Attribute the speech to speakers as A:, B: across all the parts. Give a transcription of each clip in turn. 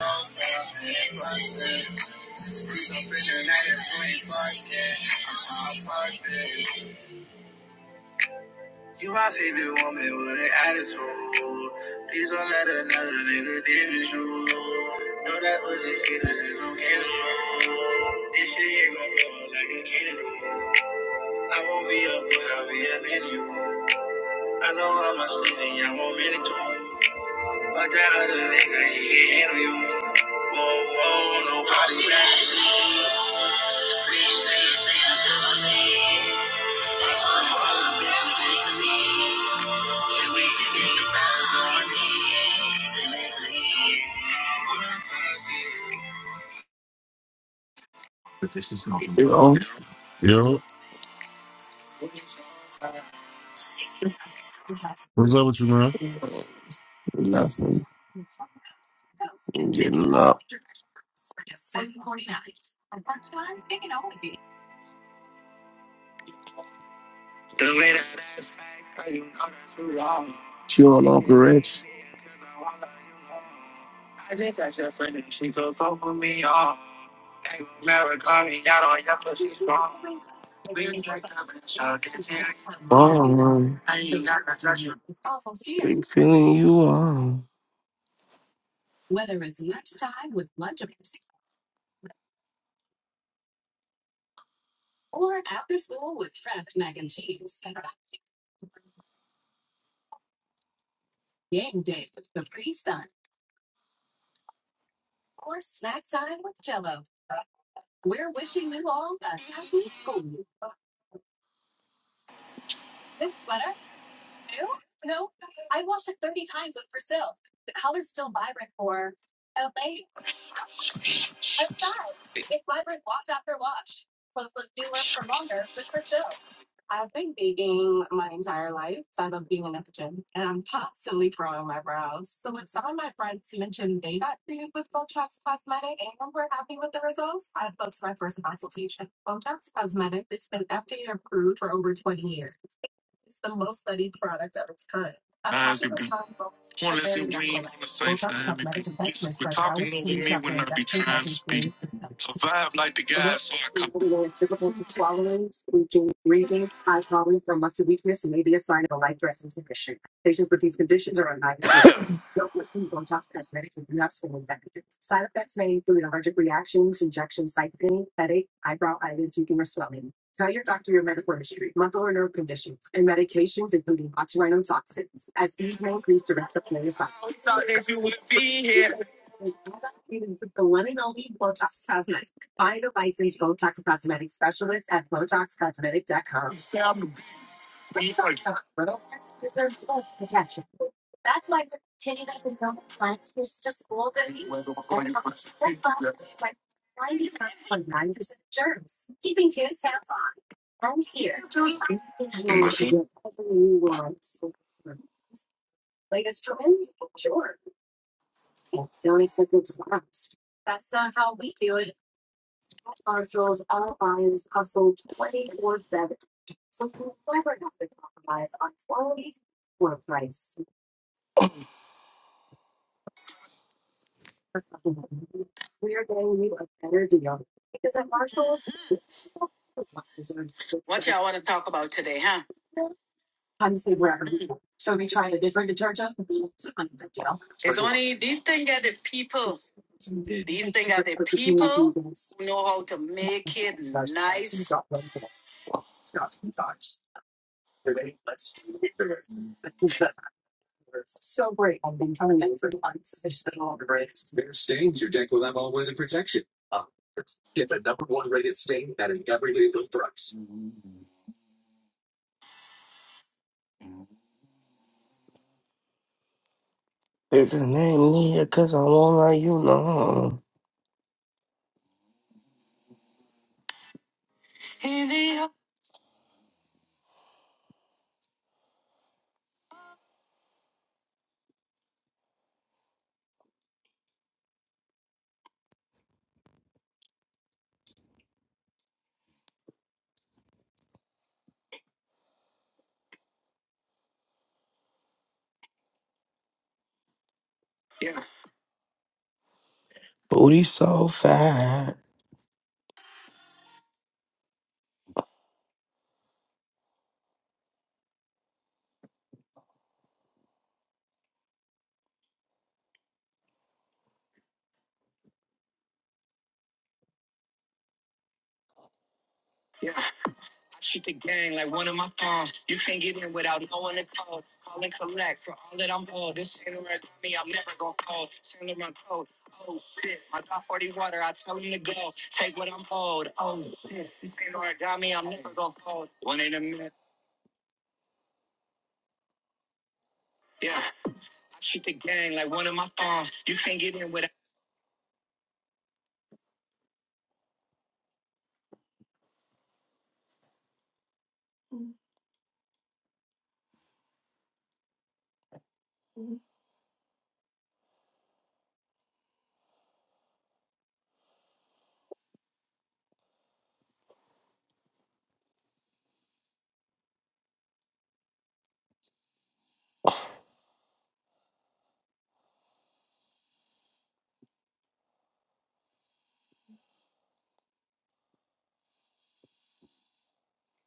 A: You my favorite woman with an attitude. Please don't let another nigga damage you. Know that pussy sweet and it's okay to know. This shit ain't gon' blow like a candle. I won't be a boy, I'll be a man to you. I know I'm a stingy, I won't man it too. But that other nigga, he can't handle you. Whoa, whoa, nobody back. to you.
B: What's up with you, man?
A: Nothing. I'm getting up. She on operates. Oh, man. Big feeling you are. What y'all want to talk about today, huh? Mhm. It's only these things are the people. These things are the people who know how to make it nice. Take the name Nia, cause I won't let you know. Booty so fat. Shoot the gang like one of my phones. You can't get in without knowing the code. Call and collect for all that I'm owed. This Saint Laurent got me, I'm never gonna fold. Saint Laurent code. Oh shit, I got 40 water, I tell him to go. Take what I'm owed. Oh shit, this Saint Laurent got me, I'm never gonna fold. One in a minute, yeah. I shoot the gang like one of my phones. You can't get in without.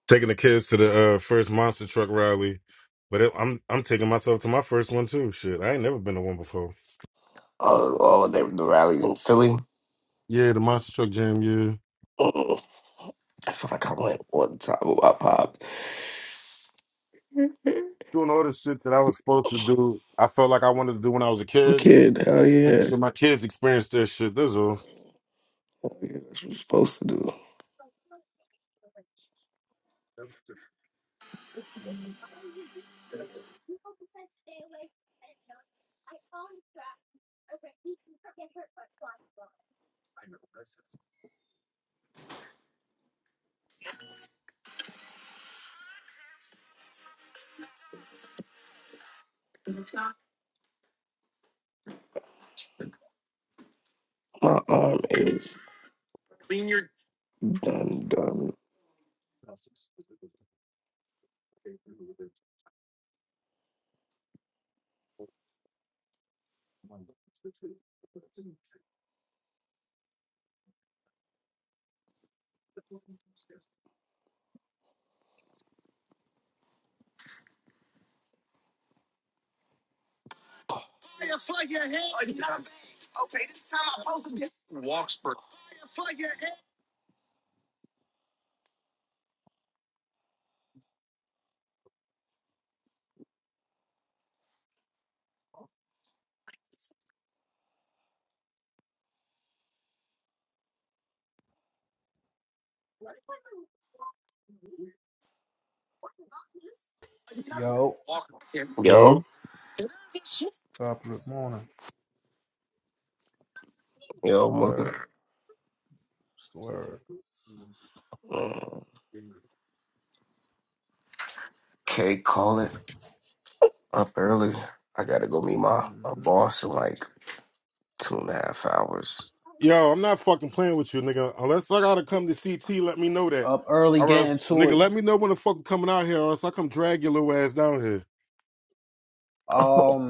B: taking the kids to the uh, first monster truck rally, but it, I'm I'm taking myself to my first one too. Shit, I ain't never been to one before.
A: Oh, oh, they, the rallies in Philly.
B: Yeah, the monster truck jam. Yeah,
A: Mm, I feel like I went one time with my pops.
B: doing all this shit that I was supposed to do. I felt like I wanted to do when I was a
A: The
B: kid.
A: kid, hell yeah.
B: So my kids experienced that shit. This is all.
A: Hell yeah, That's what you're supposed to do. My arm is Clean your done, done.
C: Yo,
A: Yo,
B: Yo,
C: top of the morning. Just
A: yo,
C: the word.
A: mother.
C: Just the word.
A: Mm, K, call it up early. I gotta go meet my, my
C: hmm
A: boss in like two and a half hours.
B: yo, I'm not fucking playing with you, nigga. Unless I gotta come to CT, let me know that.
C: Up early,
B: Or
C: getting
B: else,
C: to
B: nigga,
C: it.
B: let me know when the fuck you coming out here, or else I come drag your little ass down here.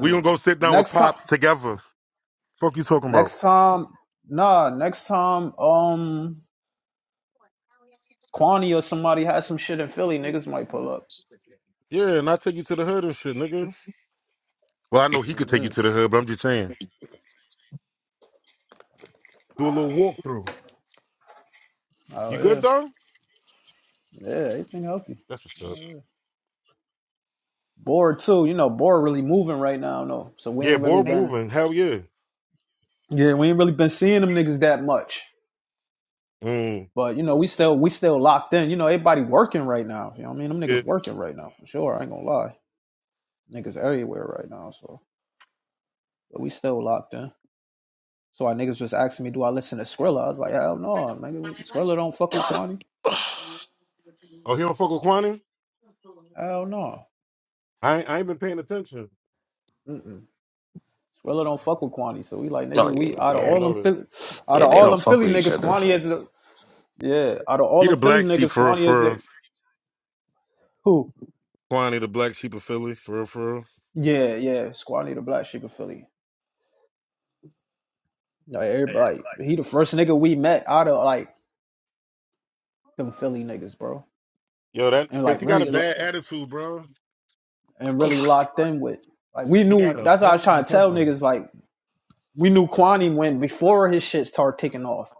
B: We gonna go sit down with
C: next time,
B: pops together. Fuck you talking about?
C: next time, nah, next time, um, Kwani or somebody has some shit in Philly, niggas might pull up.
B: Yeah, and I take you to the hood and shit, nigga. Well, I know he could take
C: hmm
B: you to the hood, but I'm just saying, do a little walkthrough.
C: Oh
B: You good,
C: yeah,
B: though?
C: yeah, everything healthy.
B: That's what's up.
C: Oh yeah. Bored too, you know. Bored really moving right now, no. So we
B: Yeah,
C: ain't really
B: board
C: been,
B: moving. Hell yeah.
C: yeah, we ain't really been seeing them niggas that much.
B: Mm,
C: But you know, we still we still locked in. You know, everybody working right now. You know what I mean? Them
B: yeah.
C: niggas working right now for sure. I ain't gonna lie. Niggas everywhere right now, so but we still locked in. So our niggas was asking me, do I listen to Skrilla? I was like, hell no, nigga. Skrilla don't fuck with Kwani.
B: Oh, he don't fuck with Kwani?
C: Hell no.
B: I ain't, I ain't been paying attention.
C: Mm-mm. Skrilla don't fuck with Kwani. So we like,
A: Oh
C: nigga,
A: yeah,
C: we
B: Oh,
C: out of
B: I
A: yeah,
B: ain't
C: all
B: know
C: them
B: that.
C: Philly, out
A: yeah.
C: of
A: They
C: all
A: don't
C: them
A: fuck
C: Philly
A: with each
C: niggas,
A: other,
C: Kwani is the yeah. Out of
B: He
C: all them
B: the
C: Philly
B: black sheep
C: niggas,
B: for
C: Kwani is like
B: for
C: who?
B: Kwani, the black sheep of Philly for for.
C: Yeah, yeah. Squani the black chick of Philly. Like everybody. He the first nigga we met out of like them Philly niggas, bro,
B: Yo, that
C: and
B: because
C: like
B: he got a
C: really
B: bad attitude, bro.
C: and really locked in with. Like we
B: He got
C: knew
B: a
C: that's what I was
B: horrible
C: trying to tell
B: temper.
C: niggas. Like we knew Kwani went before his shit started taking off.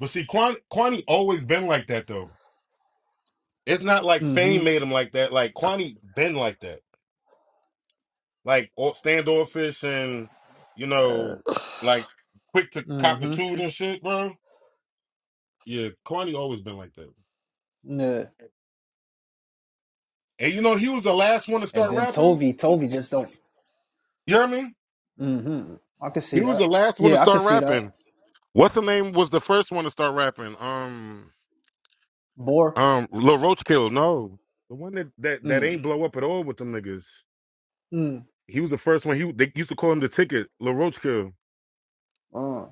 B: But see, Quan, Kwani always been like that though. It's not like
C: Mm-hmm.
B: Fame made him like that. Like Kwani been like that. Like all- standoffish and you
C: Uh,
B: know, like quick to cop a
C: mm-hmm.
B: toot and shit, bro. Yeah, Kwani always been like that.
C: Yeah.
B: And you know, he was the last one to
C: And
B: start
C: then
B: rapping.
C: Tovi, Tovi just don't.
B: You know what I mean?
C: Mm-hmm. I could
B: He
C: see
B: was
C: that.
B: the last one to
C: Yeah, I could
B: start
C: see that.
B: rapping. What's the name was the first one to start rapping? Um,
C: Bore.
B: um, Lil Roachkill. No, the one that that that
C: Mm.
B: ain't blow up at all with them niggas.
C: Mm.
B: He was the first one. He they used to call him the ticket, Lil Roachkill.
C: Uh.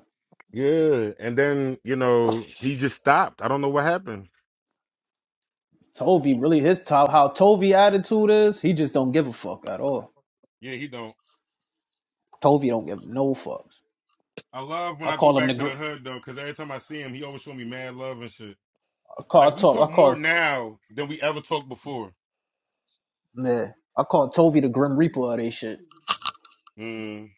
B: Yeah, and then you know he just stopped. I don't know what happened.
C: Tovi really his top. How Tovi attitude is, he just don't give a fuck at all.
B: Yeah, he don't.
C: Tovi don't give no fucks.
B: I love when
C: I
B: I go
C: call him
B: back
C: the.
B: to the
C: gr-
B: hood though, because every time I see him, he always show me mad love and shit.
C: I
B: Like
C: call I
B: we talk
C: talk. I
B: more
C: call.
B: now than we ever talked before.
C: Yeah. I call Tovey the Grim Reaper of they shit.
B: Mm.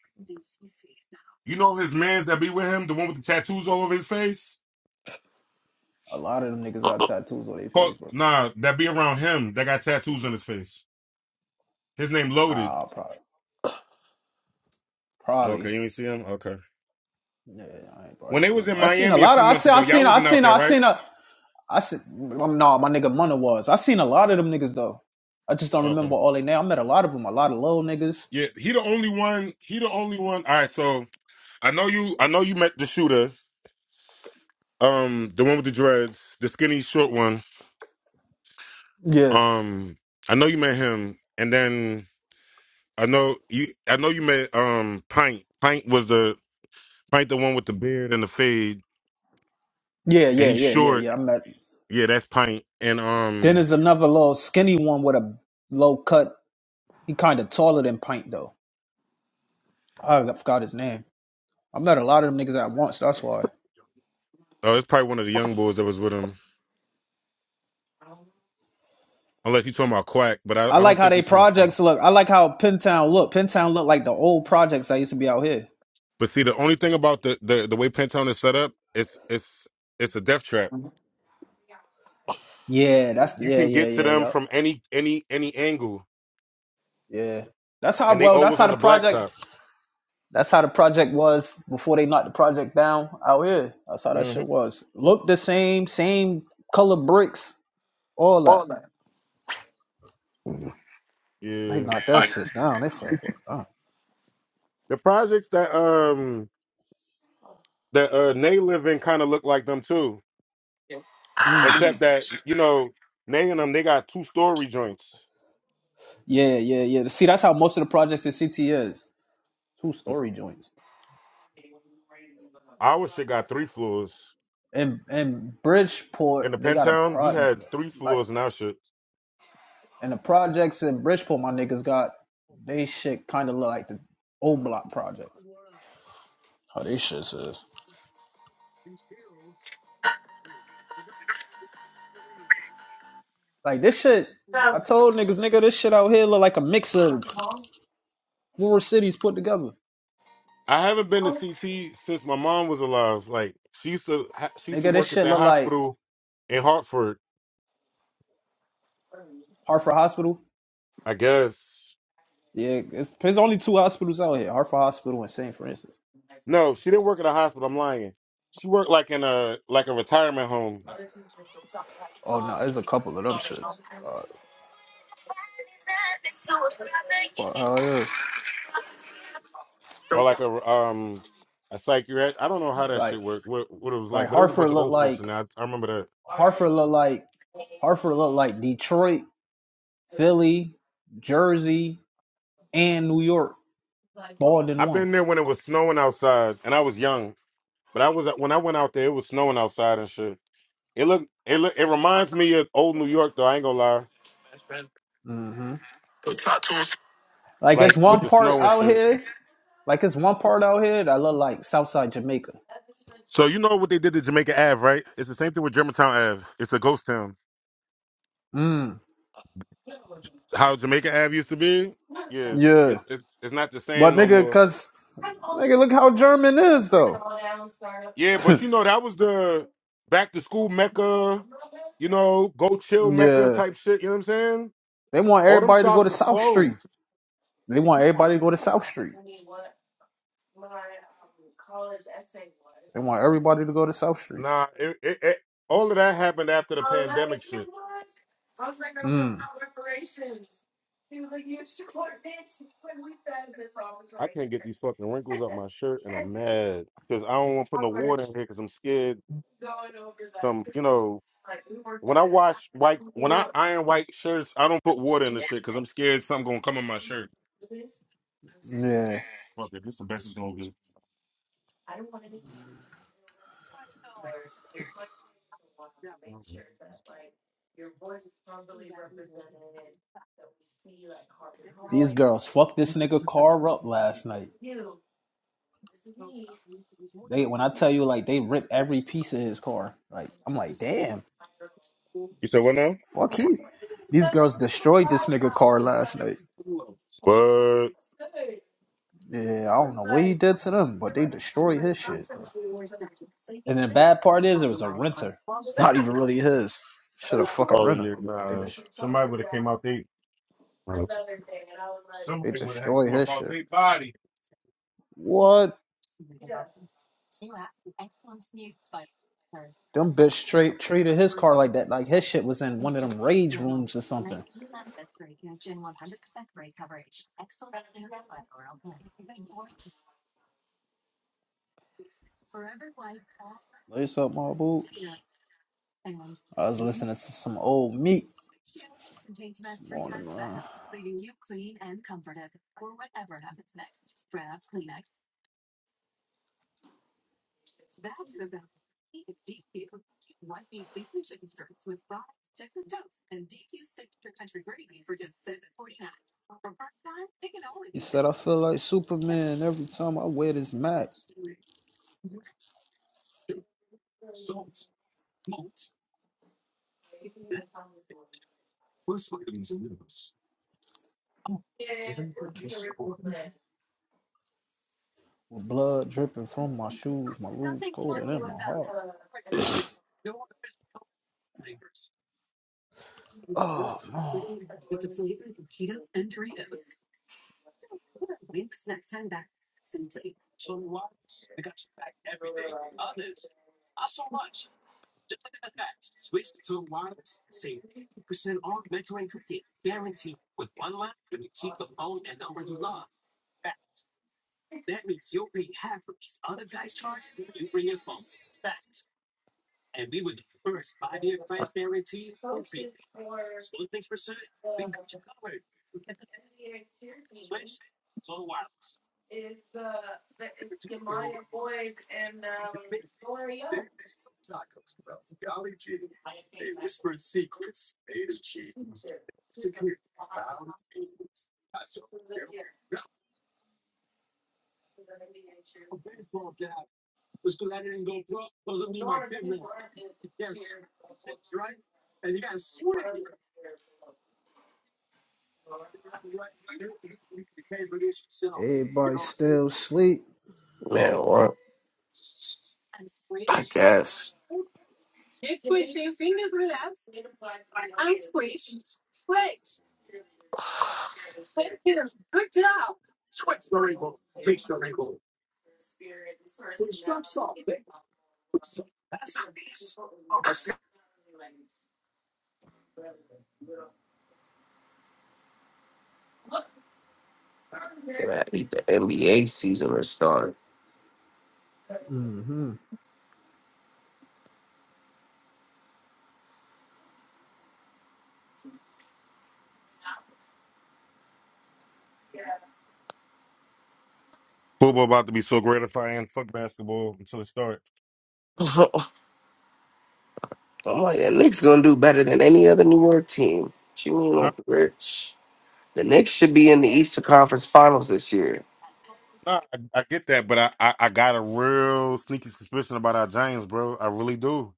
B: You know his man's that be with him, the one with the tattoos all over his face.
C: A lot of them niggas got tattoos on their
B: Call,
C: face, bro.
B: nah, that be around him that got tattoos on his face. His name Loaded.
C: Nah, probably. Probably.
B: Okay, you ain't see him. Okay.
C: Yeah, I ain't probably
B: When they
C: seen
B: was
C: him.
B: in
C: I seen a
B: Miami a
C: lot of
B: few
C: I
B: months
C: seen
B: ago,
C: I
B: y'all
C: seen I
B: wasn't out
C: seen
B: there,
C: I
B: right?
C: seen a I seen um, nah, my nigga Munna was. I seen a lot of them niggas though. I just don't
B: Okay.
C: remember all they name. I met a lot of them, a lot of little niggas.
B: Yeah, he the only one. He the only one. All right, so I know you. I know you met the shooter, um, the one with the dreads, the skinny short one.
C: Yeah.
B: Um, I know you met him, and then I know you. I know you met um Pint. Pint was the Pint, the one with the beard and the fade,
C: Yeah,
B: and
C: yeah,
B: he's
C: yeah, yeah,
B: short.
C: yeah. I met
B: Yeah, that's Pint. And
C: then
B: um,
C: there's another little skinny one with a low cut. He kinda taller than Pint though. I forgot his name. I met a lot of them niggas at once, that's why.
B: oh, it's probably one of the young boys that was with him. Unless he's talking about Quack, but I,
C: I
B: I
C: like
B: don't
C: how
B: think
C: they
B: he's talking about Quack.
C: projects look. I like how Pentown look. Pentown look like the old projects that used to be out here.
B: But see, the only thing about the the, the way Pentone is set up, it's it's it's a death trap.
C: Yeah, that's
B: You
C: yeah,
B: can
C: yeah,
B: get to
C: yeah,
B: them
C: yeah.
B: from any any any angle
C: Yeah. That's how
B: and they
C: well that's
B: always
C: how
B: on
C: the
B: the blacktop.
C: project that's how the project was before they knocked the project down out here. That's how that
B: hmm
C: shit was. Looked the same, same color bricks, all that. They
B: Yeah,
C: knocked that shit down. They said fuck down.
B: the projects that um that uh Nay live in kind of look like them too,
A: Yo,
C: Mm.
B: except that you know Nay and them they got two story joints.
C: Yeah, yeah, yeah. See, that's how most of the projects in CT is. Two story joints.
B: Our shit got three floors.
C: And and Bridgeport,
B: In the
C: they got a
B: Pentown, we
C: project
B: had three
C: like
B: floors in our shit.
C: And the projects in Bridgeport, my niggas got they shit kind of look like the old block projects. How these shit is. Like this shit, I told niggas, nigga, this shit out here look like a mix of four cities put together.
B: I haven't been to CT since my mom was alive. Like she used to ha- she used to
C: Nigga, this
B: work at
C: shit
B: that
C: look like
B: hospital in Hartford,
C: Hartford Hospital.
B: I guess.
C: Yeah, it's, there's only two hospitals out here: Hartford Hospital and St. Francis.
B: No, she didn't work at a hospital. I'm lying. She worked like in a like a retirement home
C: Oh no, nah, there's a couple of them shits. Uh, well, how it is?
B: or like a um a psychiatric. I don't know how that
C: Like,
B: shit worked, what what it was like,
C: like
B: but it was a bunch
C: Hartford
B: of
C: look
B: old folks in
C: like
B: there. I, I remember that.
C: Hartford look like Hartford look like Detroit, Philly, Jersey, and New York. more than
B: I've
C: one.
B: been there when it was snowing outside, and I was young. But I was uh, when I went out there, it was snowing outside and shit. It look it look, it reminds me of old New York though. I ain't gonna lie,
C: hmm
A: talk to us.
C: Like it's
B: like with
C: one
B: the
C: part
B: snow and
C: out
B: shit.
C: here. Like it's one part out here that look like Southside Jamaica.
B: So you know what they did to Jamaica Ave, right? It's the same thing with Germantown Ave. It's a ghost town.
C: Mm.
B: How Jamaica Ave used to be, yeah.
C: Yeah.
B: It's it's it's not the same
C: But
B: no
C: nigga,
B: more.
C: cause nigga, look how German is though.
B: Yeah, but you know that was the back to school mecca, you know, go chill mecca
C: Yeah.
B: type shit. You know what I'm saying?
C: They want
B: All them
C: everybody to go
B: shops
C: to
B: is
C: South Street.
B: closed.
C: They want everybody to go to South Street. They want everybody to go to South Street.
B: Nah, it, it, it, all of that happened after the pandemic shit.
C: Mm.
B: I can't get these fucking wrinkles up my shirt, and I'm mad because I don't want to put no water in here because I'm scared. Some, you know, when I wash white, when I iron white shirts, I don't put water in the shit because I'm scared something gonna come in my shirt.
C: Yeah.
B: Fuck it, this the best it's gonna get.
C: These girls fucked this nigga car up last night. They when I tell you like they ripped every piece of his car. Like I'm like, damn.
B: You said what now?
C: Fuck you. These girls destroyed this nigga car last night.
B: What?
C: Yeah, I don't know what he did to them, but they destroyed his shit, bro. And the bad part is it was a renter. It's not even really his. Should have fucking
B: Oh,
C: renter.
B: yeah,
C: They
B: nah.
C: just
B: Somebody would have came out they.
C: they
B: Somebody would have had to
C: destroyed
B: come up
C: his
B: off
C: shit.
B: their body.
C: What? Them bitch straight treated his car like that. Like his shit was in one of them rage rooms or something. Lace up my boots. I was listening to some old meat this morning, man. He said I feel like Superman every time I wear this Mac. with blood dripping from my shoes, my lubes colder than my heart. Oh no. Everybody still sleep.
A: man. What? I guess man, the NBA season is starting.
B: Football about to be so gratifying. Fuck basketball until it starts.
A: I'm like, the Knicks gonna do better than any other New York team. What you mean
B: Huh?
A: off the rich? The Knicks should be in the Eastern Conference Finals this year.
B: Nah, I, I get that, but I, I, I got a real sneaky suspicion about our Giants, bro. I really do.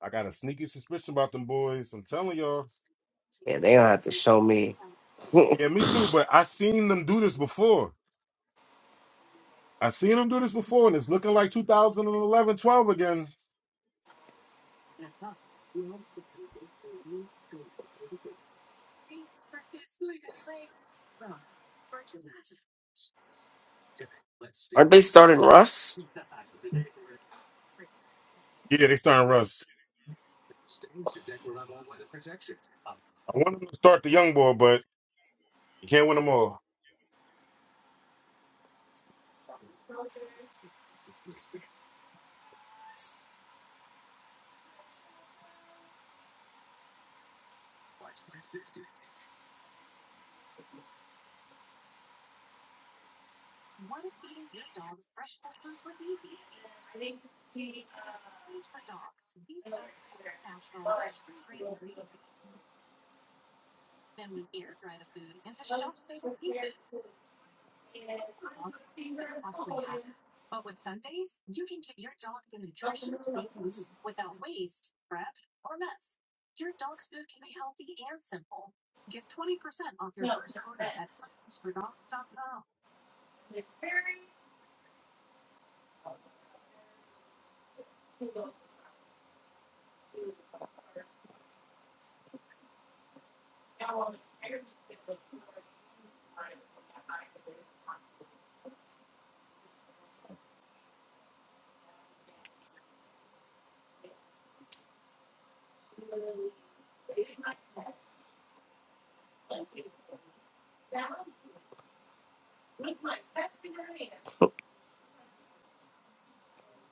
B: I got a sneaky suspicion about them boys. I'm telling y'all.
A: Yeah, they don't have to show me.
B: Yeah,
A: Aren't
B: me too. But I seen them do this before. I seen them do this before, and it's looking like 2011, 12 again.
A: they starting Russ?
B: Yeah, they starting Russ. I want them to start the young boy, but you can't win them all.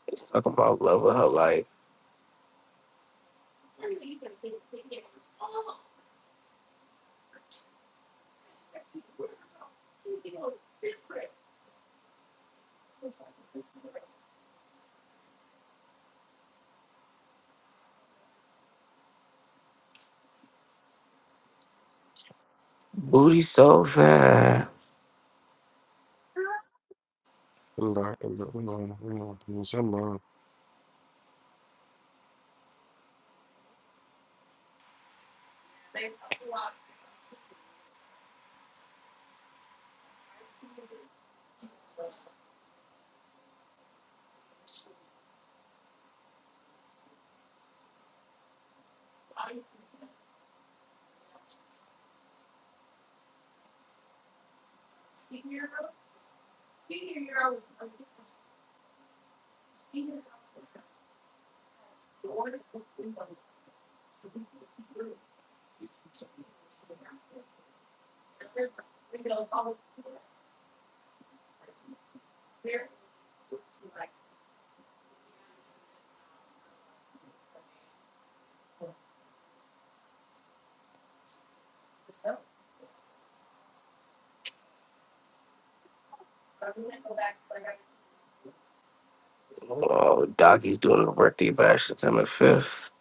A: Let's talk about love of her life. Booty so fat. Oh, Dockie's doing the birthday bash September 5th.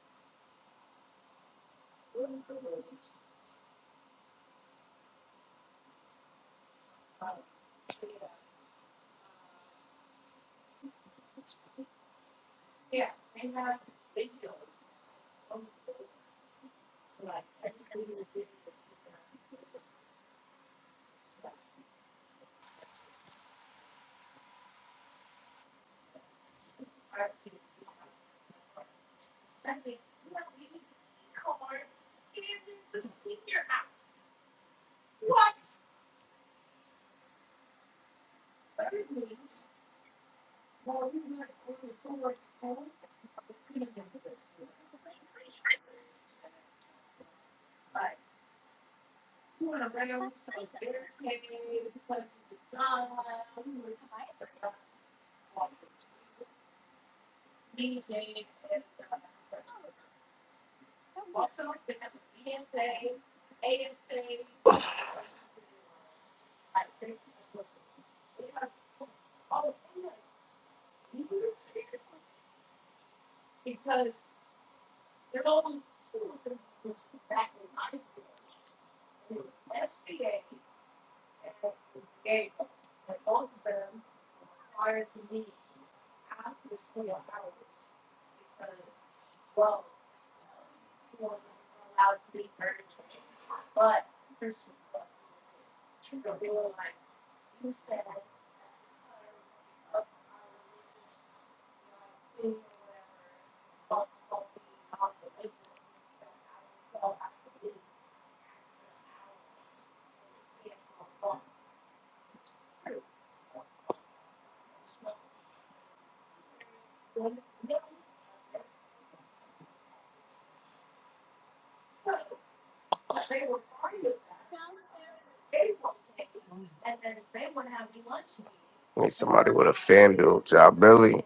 A: Need somebody with a fan duel. Job Billy.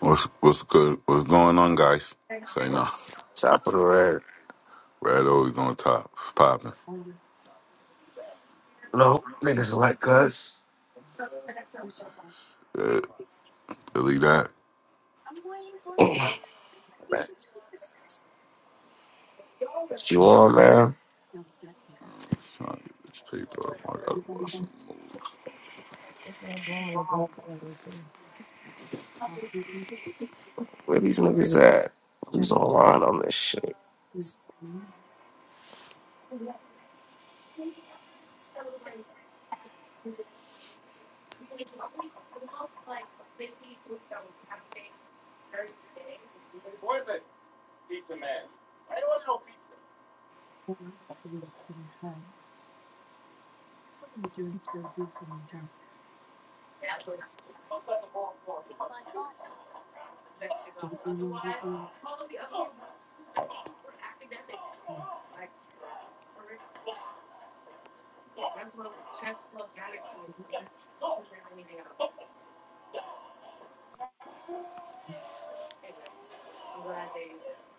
D: What's what's good? What's going on, guys? Say no.
A: Top of the red.
D: Red always on top, popping.
A: No, niggas like us.
D: Uh, Delete that.
A: Man, What you on, man?
D: Trying to get this paper up. I gotta bust.
A: Where these niggas at? Who's online on this shit?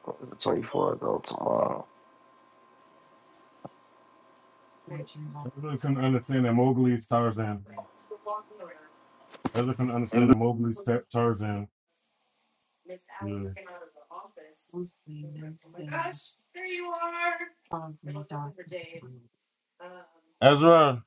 A: The 24th, though, tomorrow.
B: Everyone can understand that Mowgli's Tarzan. Everyone can understand that Mowgli's ta- Tarzan. Yeah. Ezra,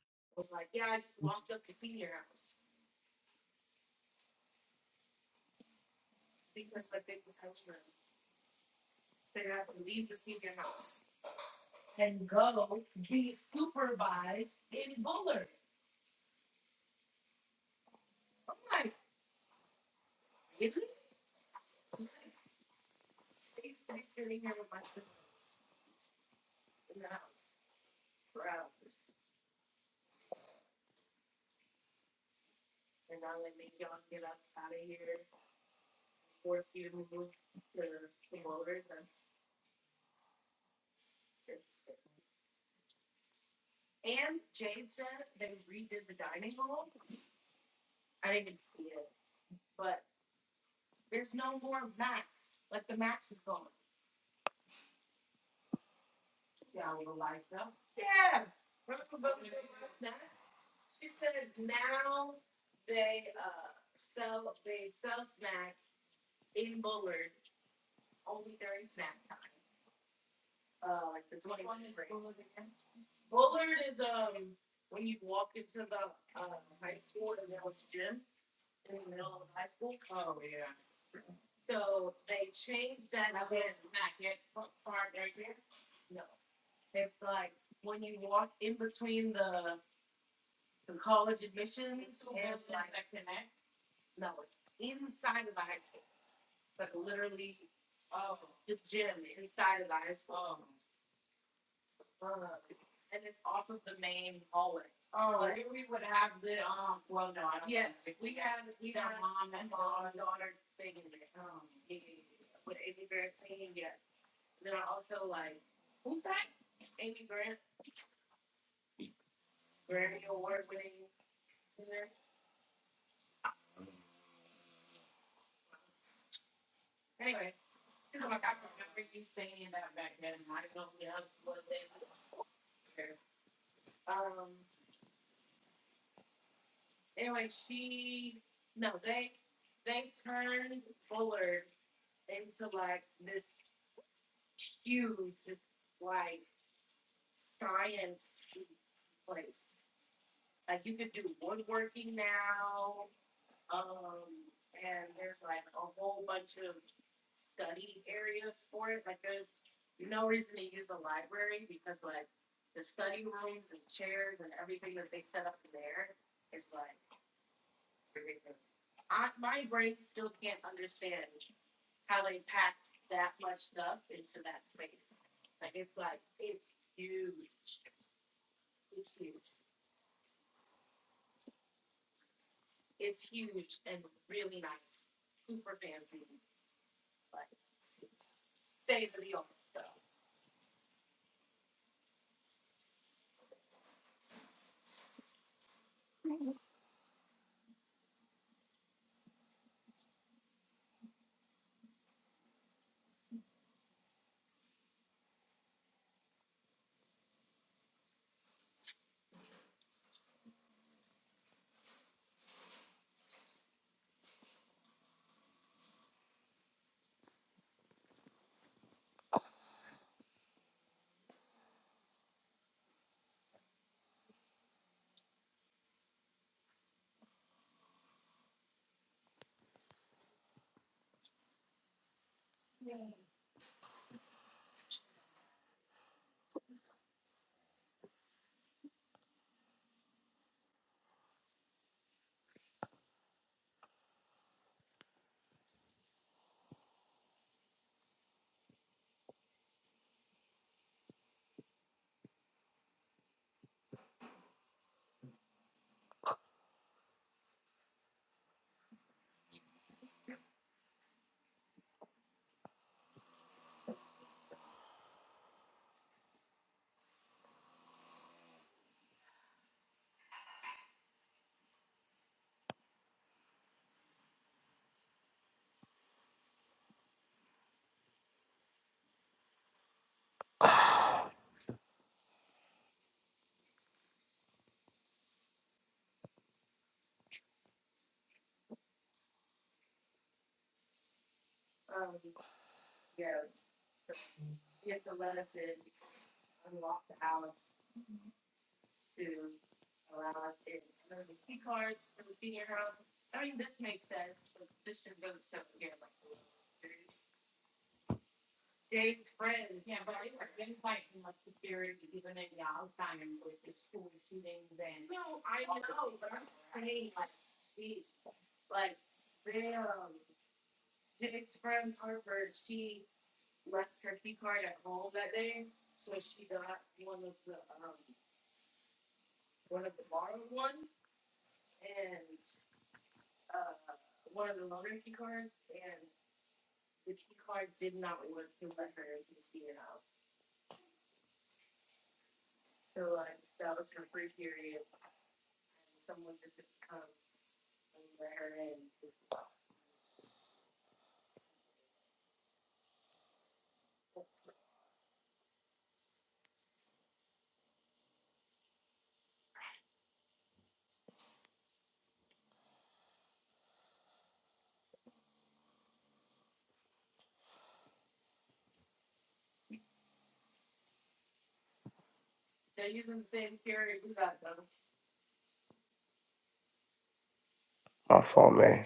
A: My phone man.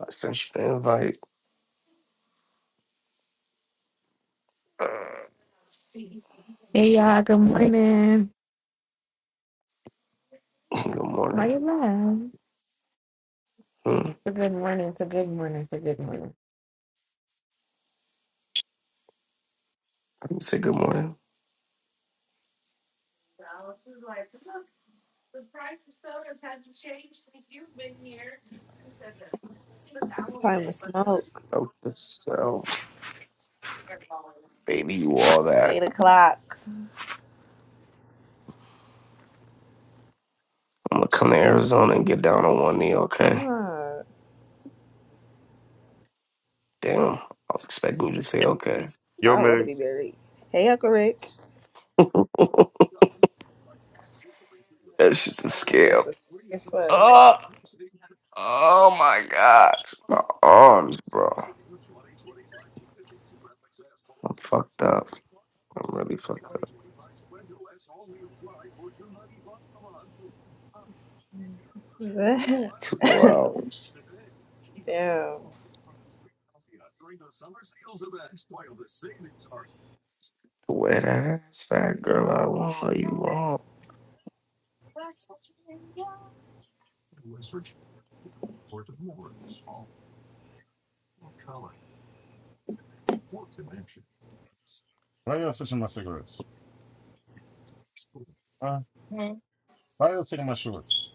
A: I sent you the invite. Uh,
E: Hey y'all, good morning.
A: good
E: Why
A: morning.
E: you laugh? It's
A: Hmm?
E: a good morning. It's a good morning. It's a good morning.
A: I can say good morning.
E: It's time to smoke.
A: Note to self, baby, you all
E: It's
A: that.
E: eight o'clock.
A: I'm gonna come to Arizona and get down on one knee,
E: I'm
A: okay?
E: uh
A: Damn, I was expecting you to say okay.
B: Yo,
E: I want to
B: man.
E: be buried. Hey, Uncle Rich.
A: that shit's a
E: It's
A: scam.
E: just a guess what?
A: Oh, oh my gosh. My arms, bro. I'm fucked up. I'm really fucked up. Two more hours.
E: Damn.
A: The way that ass fat girl I want you all.
B: why y'all switching my cigarettes? Huh? Why y'all taking my shorts?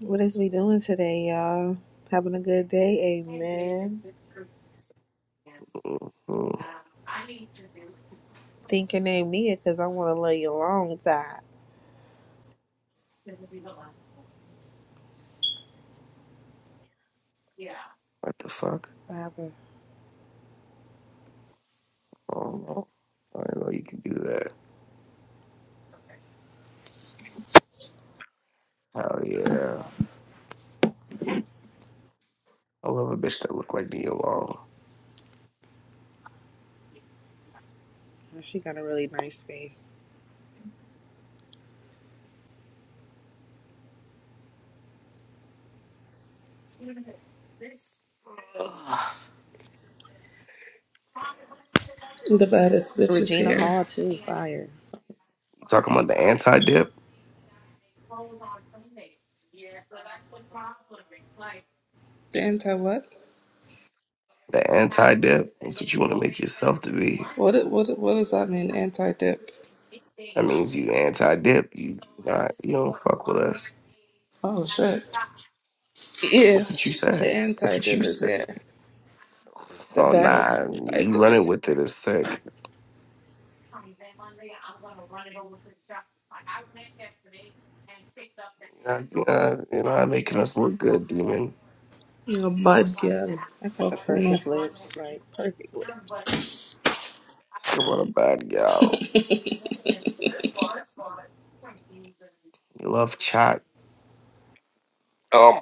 E: What is we doing today, y'all? Having a good day, amen.
A: Mhm.
E: Think your name Nia, cause I want to love you a long time.
A: What the fuck?
E: What happened?
A: Oh, oh, I didn't know you could do that. Hell yeah. I love a bitch that look like me alone.
E: Oh, She got a really nice face.
F: The baddest bitches
E: Regina
F: here.
E: Hall too, fire.
A: You talking about the anti dip?
F: The anti what?
A: The anti dip? That's what you want to make yourself to be.
F: What what what does that mean? Anti dip.
A: That means you anti dip. You not you don't fuck with us.
F: Oh shit. Yeah,
A: That's what you
F: the
A: said. That's
F: anti
A: what you
F: dip is
A: said.
F: here. The
A: Oh
F: baddest
A: nah,
F: anti
A: you
F: dip
A: running
F: is
A: with it is sick. You're not, you're not, you're not making us look good, demon.
F: here. You're bad girl.
E: I got the
F: Fuck you
E: perfect lips, like perfect lips.
A: Talk about a bad gal. You love chat. Um,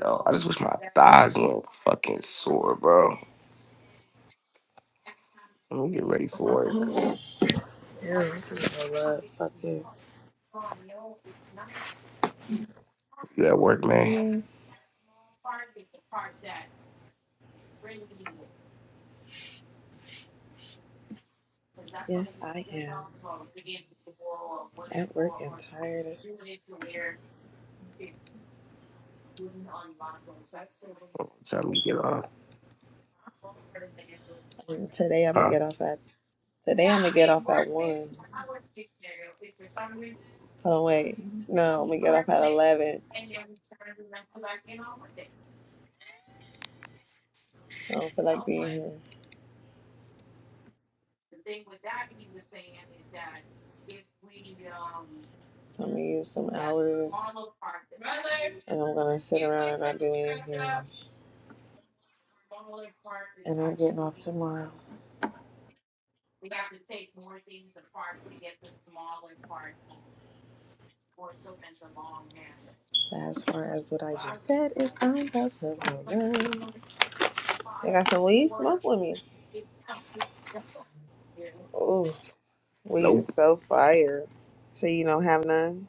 A: yo, I just wish my thighs weren't fucking sore, bro. Let me get ready for
E: Yeah,
A: work.
E: I'm finna go Fuck you.
A: You at work, man?
E: Yes. Yes, I am. At work and tired as
A: What time you get on?
E: shit. Today I'm gonna
A: Huh?
E: get off at today I'm gonna get off at one. Hold on, wait. No, I'm gonna get off at eleven. I don't feel like being here. So I'm gonna use some hours and I'm gonna sit around and not do anything. And I'm getting off tomorrow. As far as what I just said is I'm about to learn. I got some weed smoke with me. Ooh, weed is
A: Nope,
E: so fire. So you don't have none?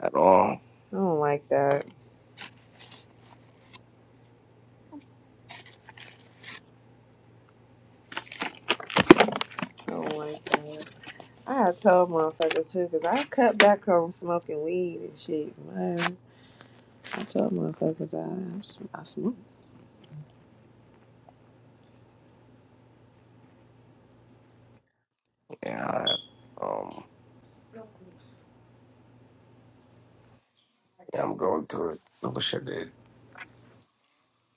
A: at all.
E: I don't like that. I don't like that. I had told motherfuckers too, cause I cut back on smoking weed and shit. Man, I told motherfuckers I I, sm- I smoke.
A: Yeah, I, um, yeah, I'm going to it. I wish I did.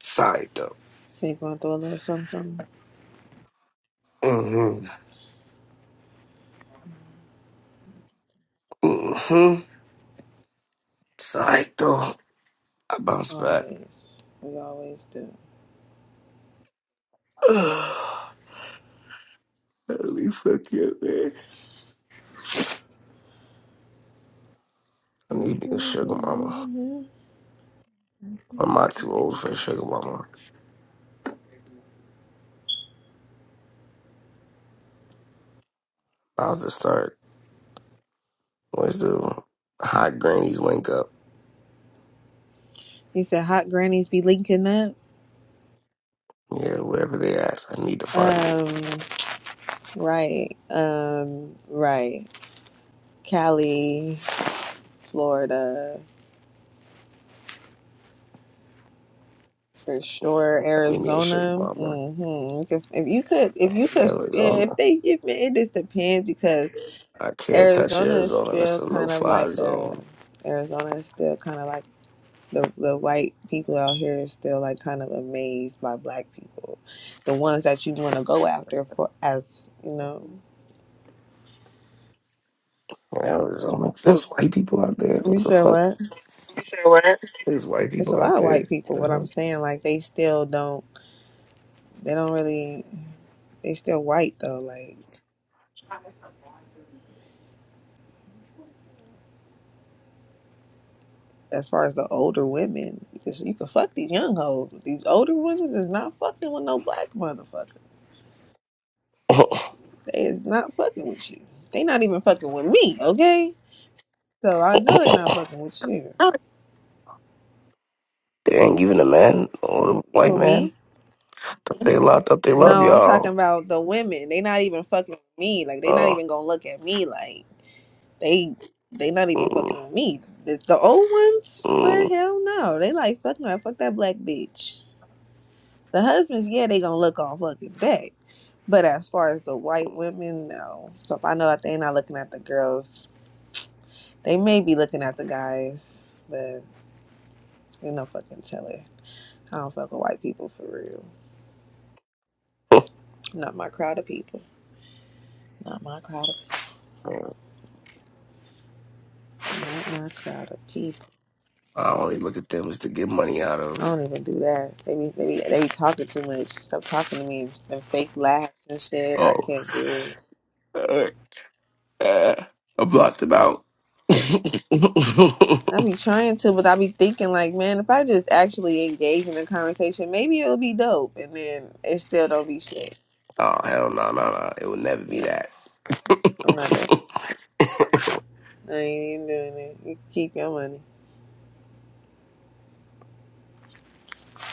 A: Side though.
E: She ain't going through a little something, something.
A: Mm-hmm. Mm-hmm. Side though. I bounce back.
E: Always, we always do.
A: Let me fuck you, man. I need to be a sugar mama. I'm not too old for a sugar mama. I'll just start. Let's do hot grannies wake up.
E: He said, "Hot grannies be linking up."
A: Yeah, wherever they at, I need to find it.
E: Um, right. Um, right. Cali, Florida. For sure,
A: I need me a sugar
E: Arizona.
A: mama
E: hmm If, if you could, if you
A: in
E: could, if
A: Arizona.
E: they give me, it just depends because
A: I can't touch
E: Arizona is
A: Arizona. That's
E: still
A: a no
E: kind of
A: fly
E: like the
A: zone
E: Arizona is still kind of like the the white people out here is still like kind of amazed by black people, the ones that you want to go after for as you know.
A: in Arizona. There's white people out there.
E: You
A: What the
E: said
A: fuck?
E: what?
A: There's white
E: It's a
A: people out
E: lot of
A: there.
E: white people, but I'm
A: The
E: saying like they still don't. They don't really. They still white though, like. as far as the older women, because you can fuck these young hoes. but These older women is not fucking with no black motherfuckers.
A: hell?
E: They is not fucking with you. They not even fucking with me, okay? So I know they not fucking with you.
A: they ain't giving a man or a white
E: Who me?
A: man. Thought they love. Thought they love
E: No, I'm talking
A: y'all.
E: about the women. They not even fucking with me. Like they not
A: Oh,
E: even gonna look at me like they they not even
A: mm,
E: fucking with me. The, the old ones? Well
A: mm.
E: hell no. They like fuck no, fuck that black bitch. The husbands, yeah, they gonna look on fucking that. But as far as the white women, no. So if I know that they are not looking at the girls, they may be looking at the guys, but you no fucking telling. I don't fuck with white people for real. Not my crowd of people. Not my crowd of people. Not my crowd of people.
A: I only look at them as to get money out
E: I
A: of.
E: don't even do that. They be, they be, they be talking too much. Stop talking to me and, and fake laughs and shit. I
A: Oh.
E: can't do it.
A: hey. Uh, I blocked him out.
E: I be trying to, but I be thinking like, man, if I just actually engage in a conversation, maybe it'll be dope, and then it still don't be shit.
A: Oh hell no no no! It will never be
E: Yeah,
A: that.
E: I'm not doing. I ain't doing it. You can keep your money.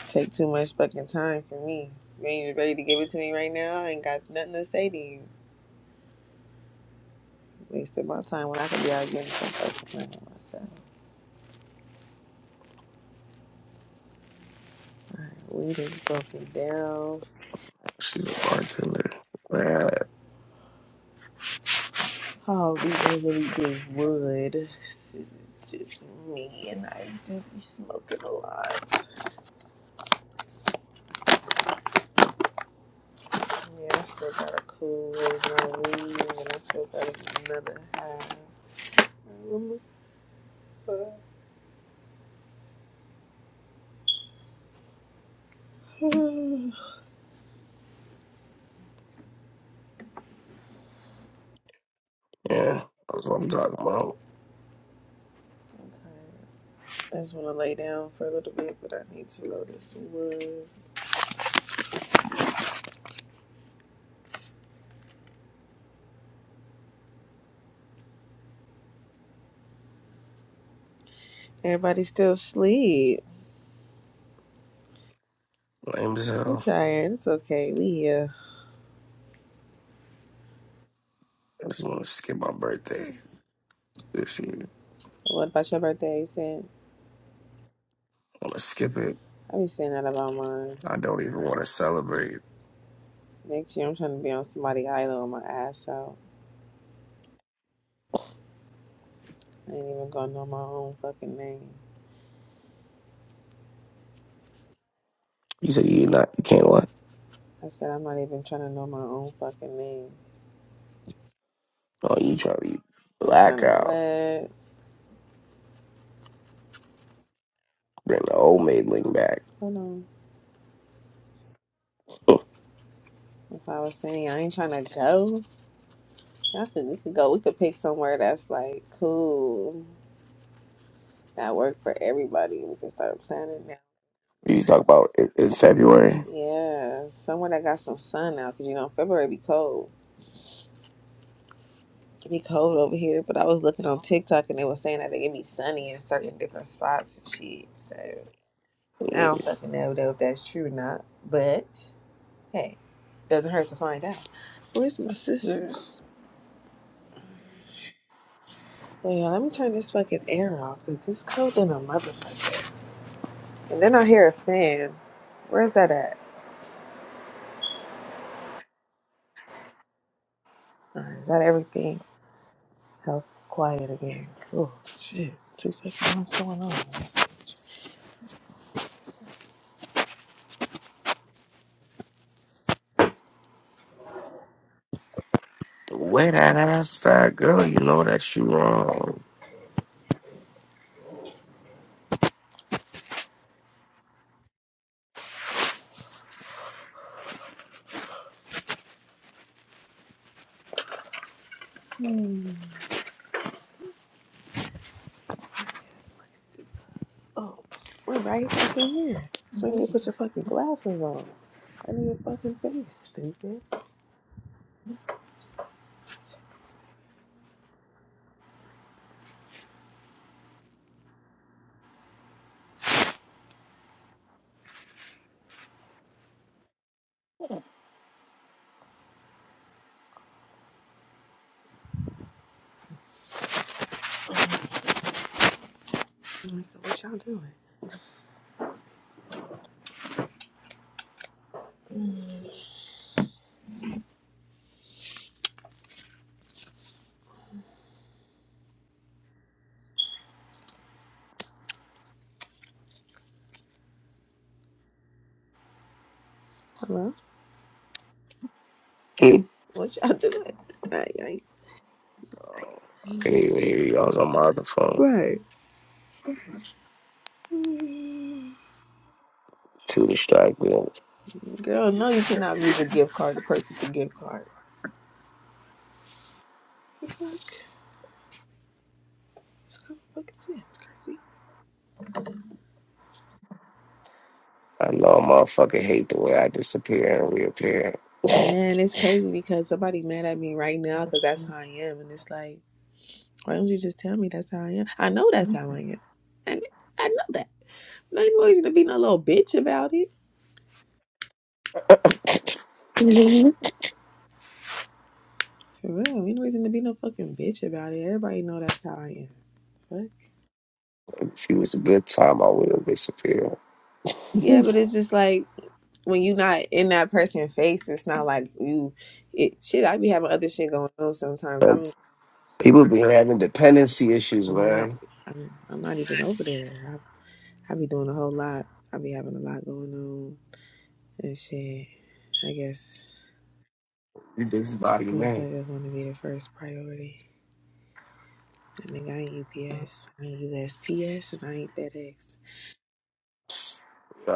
E: Take too much fucking time for me. You ain't ready to give it to me right now. I ain't got nothing to say to you. Wasted my time when I could be out getting some fucking money myself. Alright, we done broken down.
A: She's a bartender. Man,
E: Oh, we done really big wood. This is just me, and I do be smoking a lot. Yeah, I still got a cool raise my weed, and I still got another half. Okay,
A: yeah, that's what I'm talking about.
E: I just want to lay down for a little bit, but I need to load this wood. Everybody still asleep.
A: Lame as
E: They
A: hell.
E: tired. It's okay. We here.
A: I just want to skip my birthday this year.
E: What about your birthday, Sam?
A: I want to skip it.
E: I be saying that about mine.
A: I don't even want to celebrate.
E: Next year, I'm trying to be on somebody's island with my ass out. I ain't even gonna know my own fucking name.
A: You said you not. You can't what?
E: I said I'm not even trying to know my own fucking name.
A: Oh, you trying to eat
E: I'm trying to
A: blackout?
E: what?
A: Bring the old maidling back.
E: Hold on. That's why I was saying I ain't trying to go. I could we could go. We could pick somewhere that's like cool, that work for everybody. We can start planning now.
A: You talk about in, in February.
E: Yeah, somewhere that got some sun now, cause you know February be cold. It be cold over here. But I was looking on TikTok and they were saying that it can be sunny in certain different spots and shit. So I don't fucking know though if that's true or not. But hey, doesn't hurt to find out. Where's my scissors? Oh yeah, let me turn this fucking air off, cause it's cold in a motherfucker. And then I hear a fan. Where's that at? All right, is that everything? Health quiet again. Oh shit. Two seconds. What's going on?
A: The way that ass fat girl, you know that you wrong.
E: Hmm. Oh, we're right fucking here. So you need to put your fucking glasses on. I need your fucking face, stupid. All right, so what y'all doing? Hmm. Hello? What y'all doing? Right. right.
A: I can't even hear you. I was on my other phone.
E: Right. Hmm.
A: Too distracted.
E: Girl, no, you cannot use a gift card to purchase a gift card. The fuck? It's common fucking sense, crazy.
A: I know a motherfucker hate the way I disappear and reappear. if
E: Man, it's crazy because somebody mad at me right now because that's how I am, and it's like, why don't you just tell me that's how I am? I know that's how I am, and I know that. No, ain't no reason to be no little bitch about it. For real, ain't no reason to be no fucking bitch about it. Everybody know that's how I am. Fuck.
A: it was a good time, I would have disappeared.
E: Yeah, but it's just like when you not in that person's face, it's not like you. It shit. I be having other shit going on sometimes.
A: But
E: I'm
A: people be having dependency issues,
E: I'm not
A: man.
E: I'm, I'm not even over there. I I be doing a whole lot. I be having a lot going on. And shit, I guess
A: You this body, man.
E: motherfuckers want to be the first priority. And nigga, I ain't UPS, I ain't USPS, and I ain't FedEx.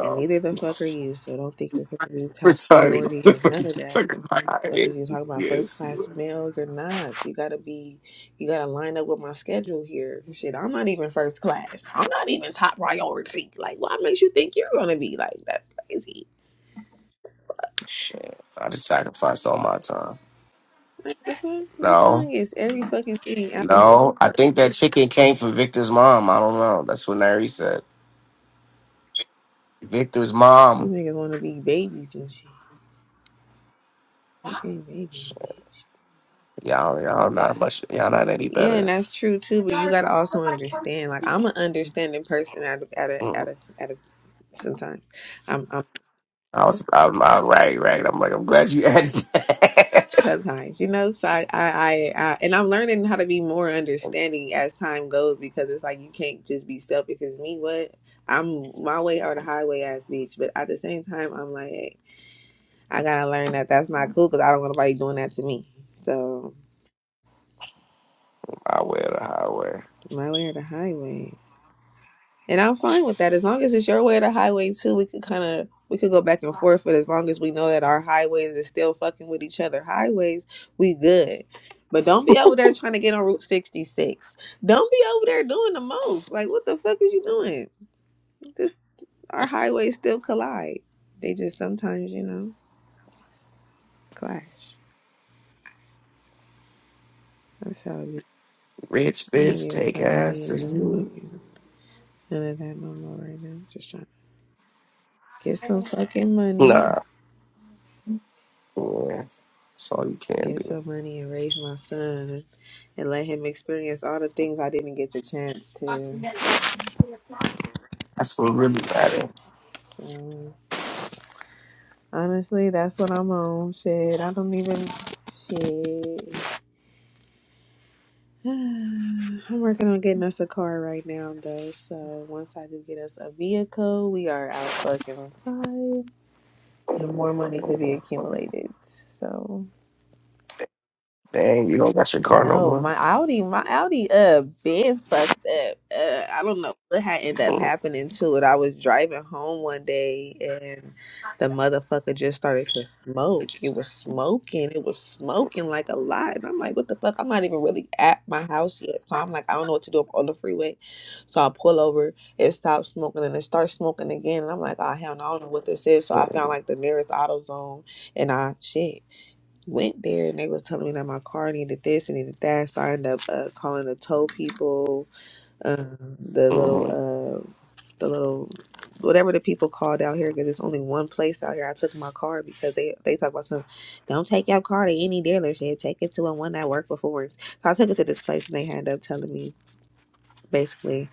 E: And neither the fuck are you, so don't think you're going to be top
A: Retarded.
E: priority or none of that.
A: Fucking
E: Fuck
A: body.
E: is you talking about first
A: Yes,
E: class
A: yes.
E: mail? You're not. You gotta be, you gotta line up with my schedule here. Shit, I'm not even first class. I'm not even top priority. Like, what makes you think you're gonna be? Like, that's crazy.
A: Shit. I just sacrificed all my time.
E: Like, the fuck? My
A: No.
E: son gets every fucking thing out of me.
A: No, I think that chicken came from Victor's mom. I don't know. That's what Nary said. Victor's
E: These
A: mom.
E: niggas wanna be babies and shit. I can't Okay, baby, a bitch.
A: Y'all, y'all not much. Y'all not any
E: Yeah, and
A: better.
E: that's true too. But you gotta also understand. Like, I'm an understanding person at a, at a, at
A: Mm.
E: a, at a sometimes. I'm, I'm
A: I was, I'm, I'm right, right. I'm like, I'm glad you added that.
E: sometimes, you know. So I, I, I, I, and I'm learning how to be more understanding as time goes because it's like you can't just be selfish. Because me, what I'm my way or the highway ass bitch. But at the same time, I'm like, hey, I gotta learn that that's not cool because I don't want nobody doing that to me. So
A: I wear the highway.
E: my way or the highway. And I'm fine with that. As long as it's your way or the highway too, we could kinda we could go back and forth, but as long as we know that our highways is still fucking with each other highways, we good. But don't be over there trying to get on Route 66. Don't be over there doing the most. Like what the fuck is you doing? This our highways still collide. They just sometimes, you know, clash. That's how it is.
A: Rich
E: I ain't
A: bitch,
E: even
A: take
E: trying to be
A: ass
E: in
A: to
E: no
A: you.
E: fucking none of that no more right now. Just trying to get some fucking money.
A: Nah, yeah. That's all you can
E: Get
A: do.
E: some money and raise my son. and let him experience all the things I didn't get the chance to.
A: That's what really matters.
E: So honestly, that's what I'm on. Shit, I don't even shit. I'm working on getting us a car right now though. So once I do get us a vehicle, we are out fucking outside. and more money could be
A: Mm.
E: accumulated. So.
A: Dang, you don't got your car no
E: No,
A: more.
E: my Audi, my Audi, uh, been fucked up. Uh, I don't know what had ended up
A: Mm.
E: happening to it. I was driving home one day and the motherfucker just started to smoke. It was smoking. It was smoking like a lot. And I'm like, what the fuck? I'm not even really at my house yet. So I'm like, I don't know what to do. I'm on the freeway. So I pull over. It stops smoking and it starts smoking again. And I'm like, oh, hell no, I don't know what this is. So I found
A: Mm.
E: like the nearest AutoZone and I, shit went there and they was telling me that my car needed this and needed that. So I ended up uh, calling the tow people, um, the little,
A: Mhm.
E: uh, the little, whatever the people called out here because it's only one place out here. I took my car because they they talk about some, don't take your car to any dealership. Take it to a one that worked before. So I took it to this place and they ended up telling me basically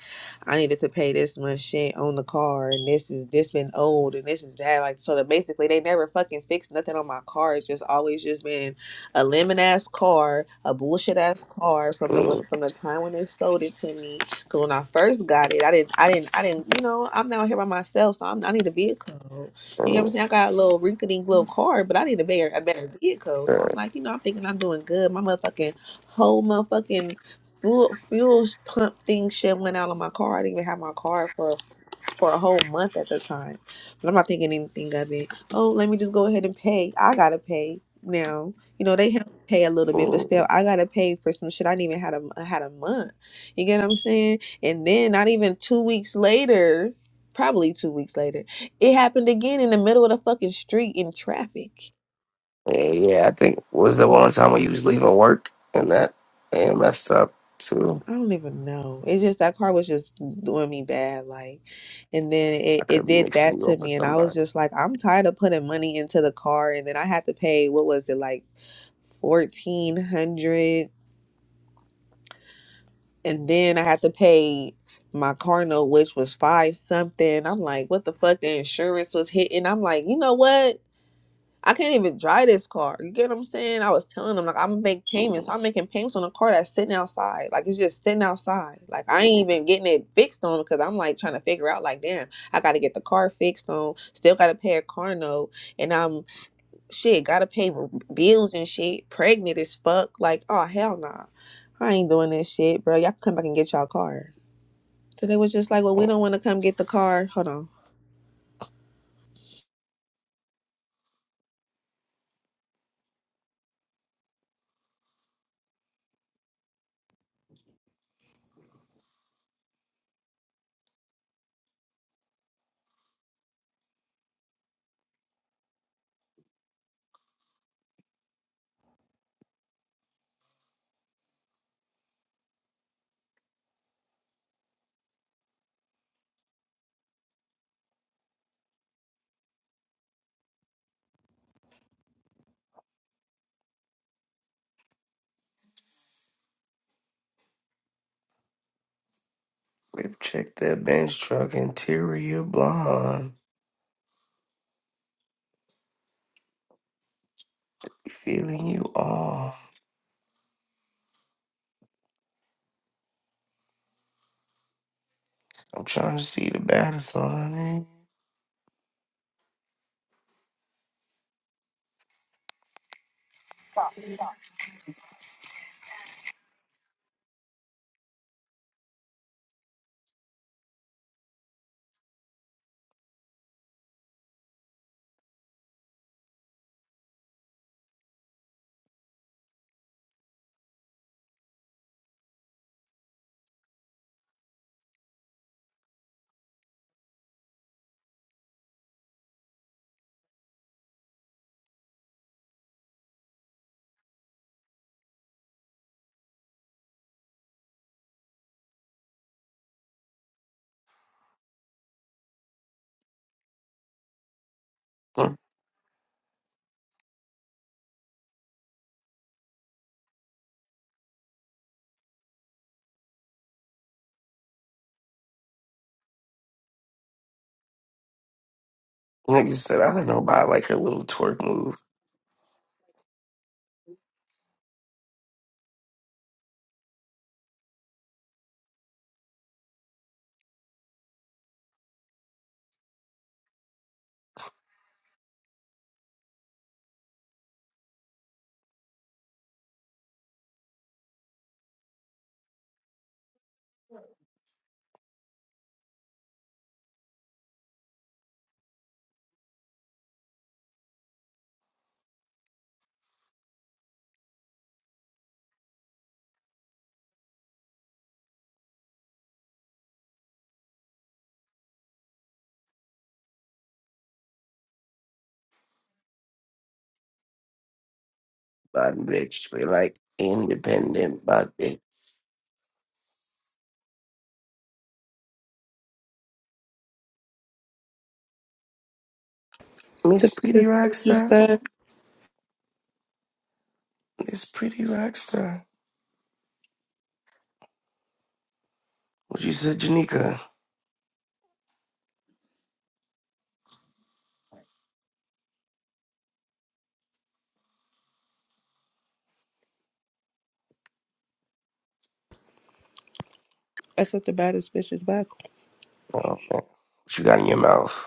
E: I needed to pay this much shit on the car and this is this been old and this is that like so that basically they never fucking fixed nothing on my car. It's just always just been a lemon ass car, a bullshit ass car from the when,
A: Mm.
E: from the time when they sold it to me. Cause when I first got it, I didn't I didn't I didn't you know I'm down here by myself, so I'm, I need a vehicle. You get what
A: Mm.
E: I'm saying? I got a little rinkety little car, but I need a better a better vehicle. So I'm like you know I'm thinking I'm doing good. My motherfucking whole motherfucking fuel fuel pump thing shit went out on my car. I didn't even have my car for for a whole month at the time. But I'm not thinking anything of it. Oh, let me just go ahead and pay. I gotta pay now. You know they help pay a little bit, but
A: Yeah.
E: still I gotta pay for some shit I didn't even had a I had a month. You get what I'm saying? And then not even two weeks later, probably two weeks later, it happened again in the middle of the fucking street in traffic.
A: Yeah, yeah, I think was the one time when you was leaving work and that and messed up too.
E: I don't even know. It's just that car was just doing me bad, like, and then it,
A: I
E: it
A: could be
E: did
A: mixing
E: that
A: you
E: to
A: up with
E: me, and I was
A: somebody.
E: just like, I'm tired of putting money into the car, and then I had to pay what was it like, fourteen hundred, and then I had to pay my car note, which was five something. I'm like, what the fuck? The insurance was hitting. I'm like, you know what? I can't even drive this car. You get what I'm saying? I was telling them like I'm gonna make payments.
A: Mm.
E: I'm making payments on a car that's sitting outside. Like it's just sitting outside. Like I ain't even getting it fixed on because I'm like trying to figure out like damn, I gotta get the car fixed on. Still gotta pay a car note, and I'm shit gotta pay r- bills and shit. Pregnant as fuck. Like oh hell nah, I ain't doing this shit, bro. Y'all can come back and get y'all car. So they was just like, well, we
A: Mm.
E: don't want to come get the car. Hold on.
A: Rip check that bench truck interior blonde. Feeling you all. I'm trying to see the baddest on her name. Mm. Nigga said I don't know about like her little twerk move, but bitch, we like independent, but bitch. Miss
F: The
A: Pretty
F: baddest bitch is
A: Rockstar,
F: back.
A: Miss Pretty Rockstar. What you said, Janika?
F: I said the baddest bitch is back.
A: Oh man, what you got in your mouth?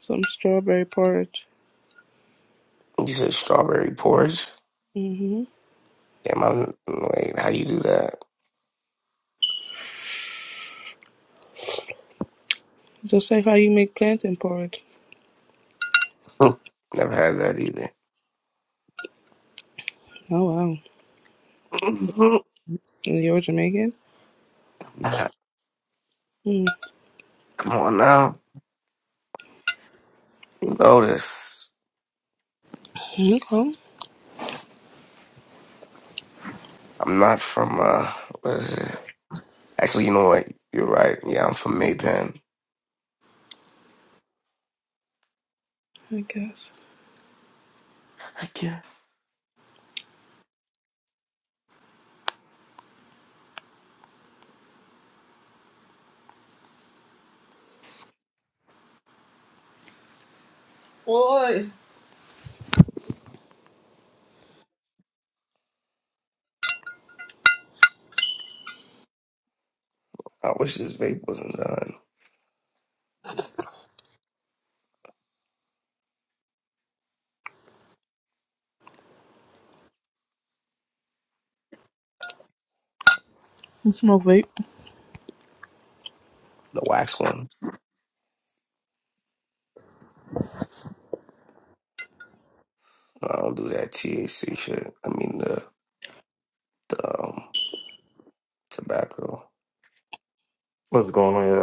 F: Some strawberry porridge.
A: You said strawberry porridge?
F: Mm-hmm.
A: Damn, I wait. How you do that?
F: Just like how you make plantain porridge.
A: Never had that either.
F: Oh wow. And You're Jamaican?
A: Nah,
F: Mm.
A: Come on now. You know this.
F: Okay.
A: I'm not from uh. What is it? Actually, you know what? You're right. Yeah, I'm from Maypen.
F: I guess.
A: I can't.
F: Boy.
A: I wish this vape wasn't done.
F: You smoke vape?
A: The wax one. No, I don't do that THC shit. I mean the the um, tobacco.
G: What's going on, y'all?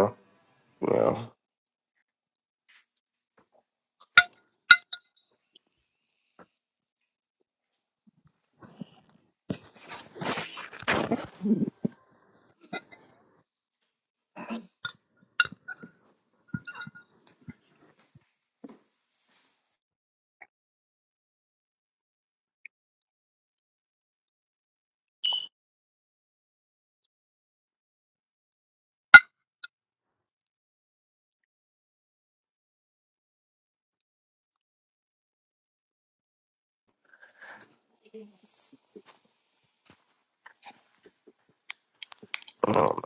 A: Yeah. I don't know.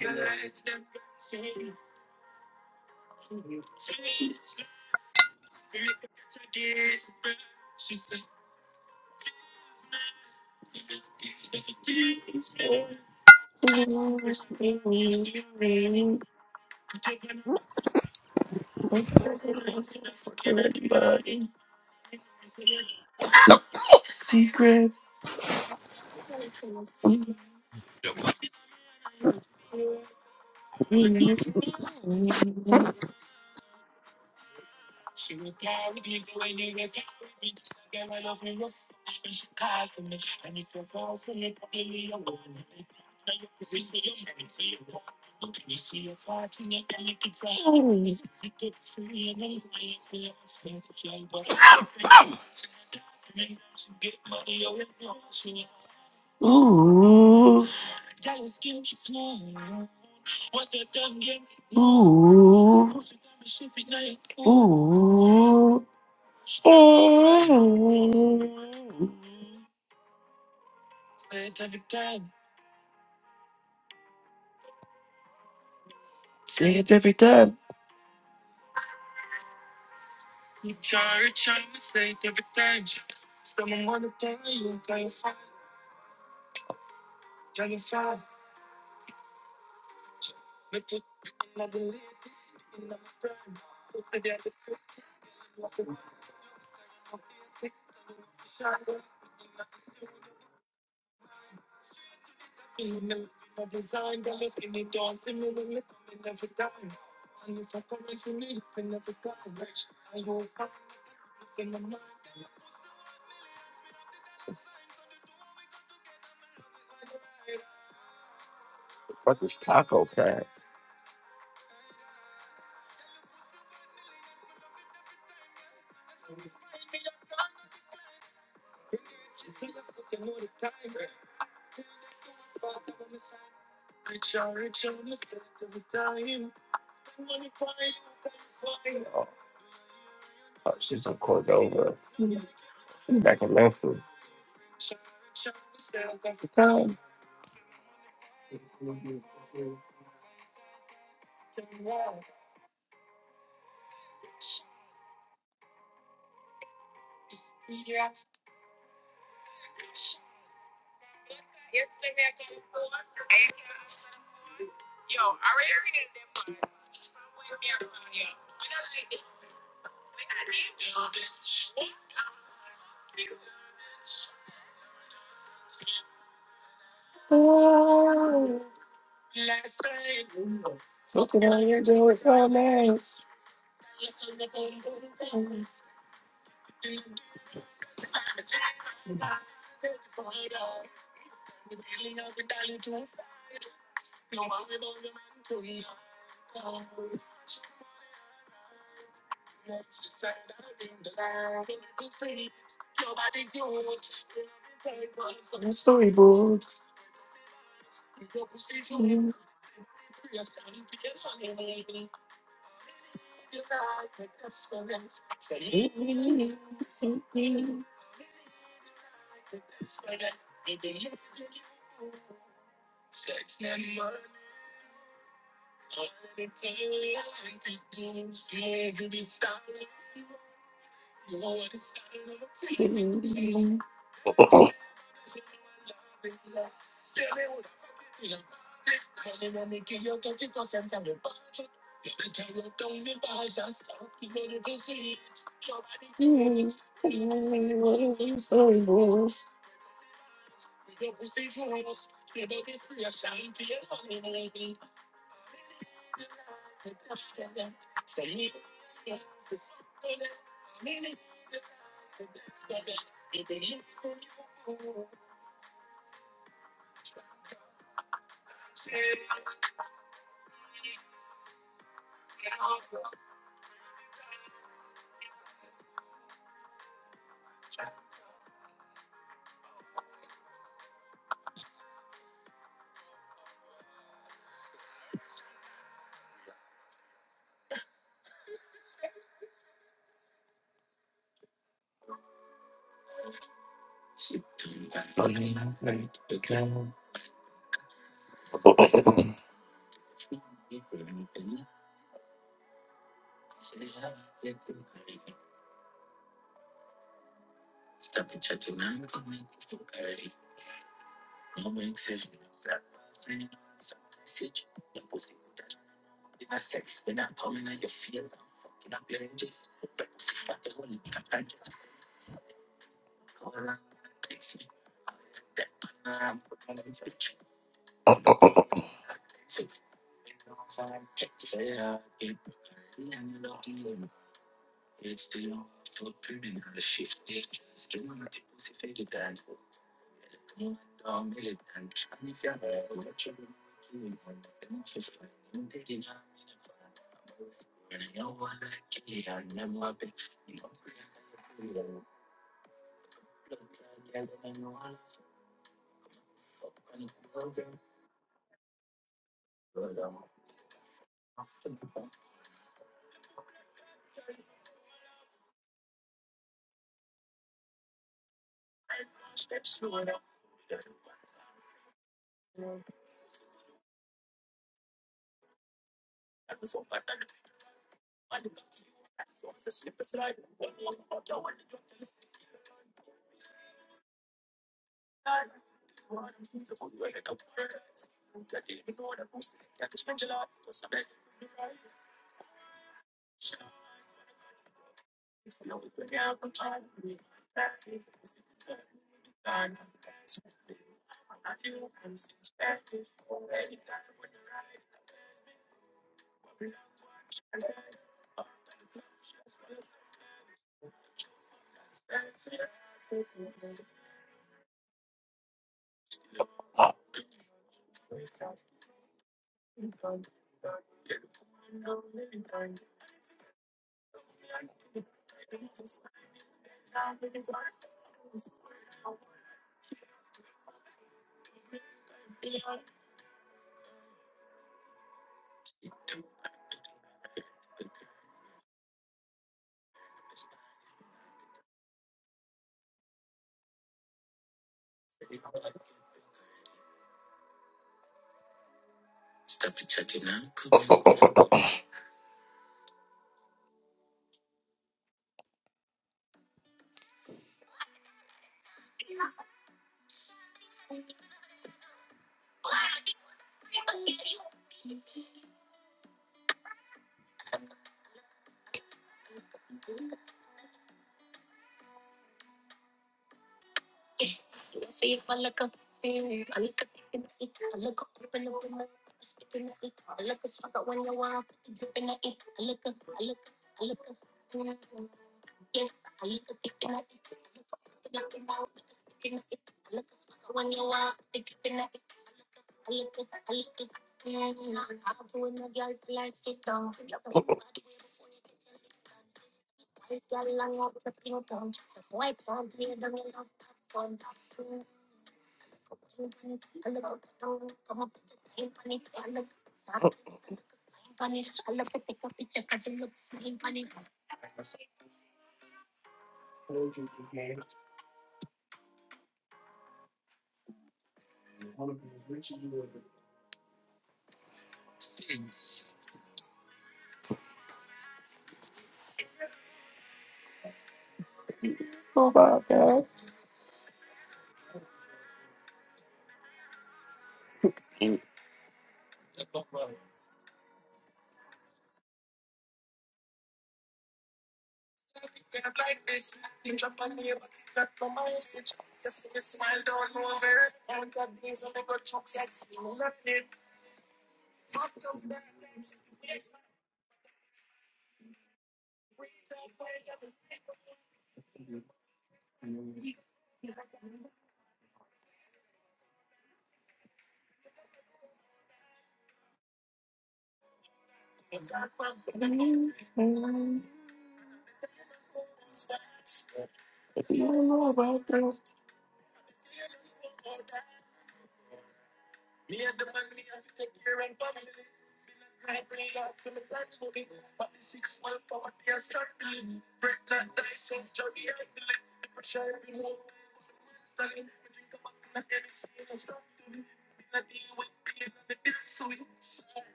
A: What the fuck is taco cat? Oh, she's in Cordova, back in Memphis.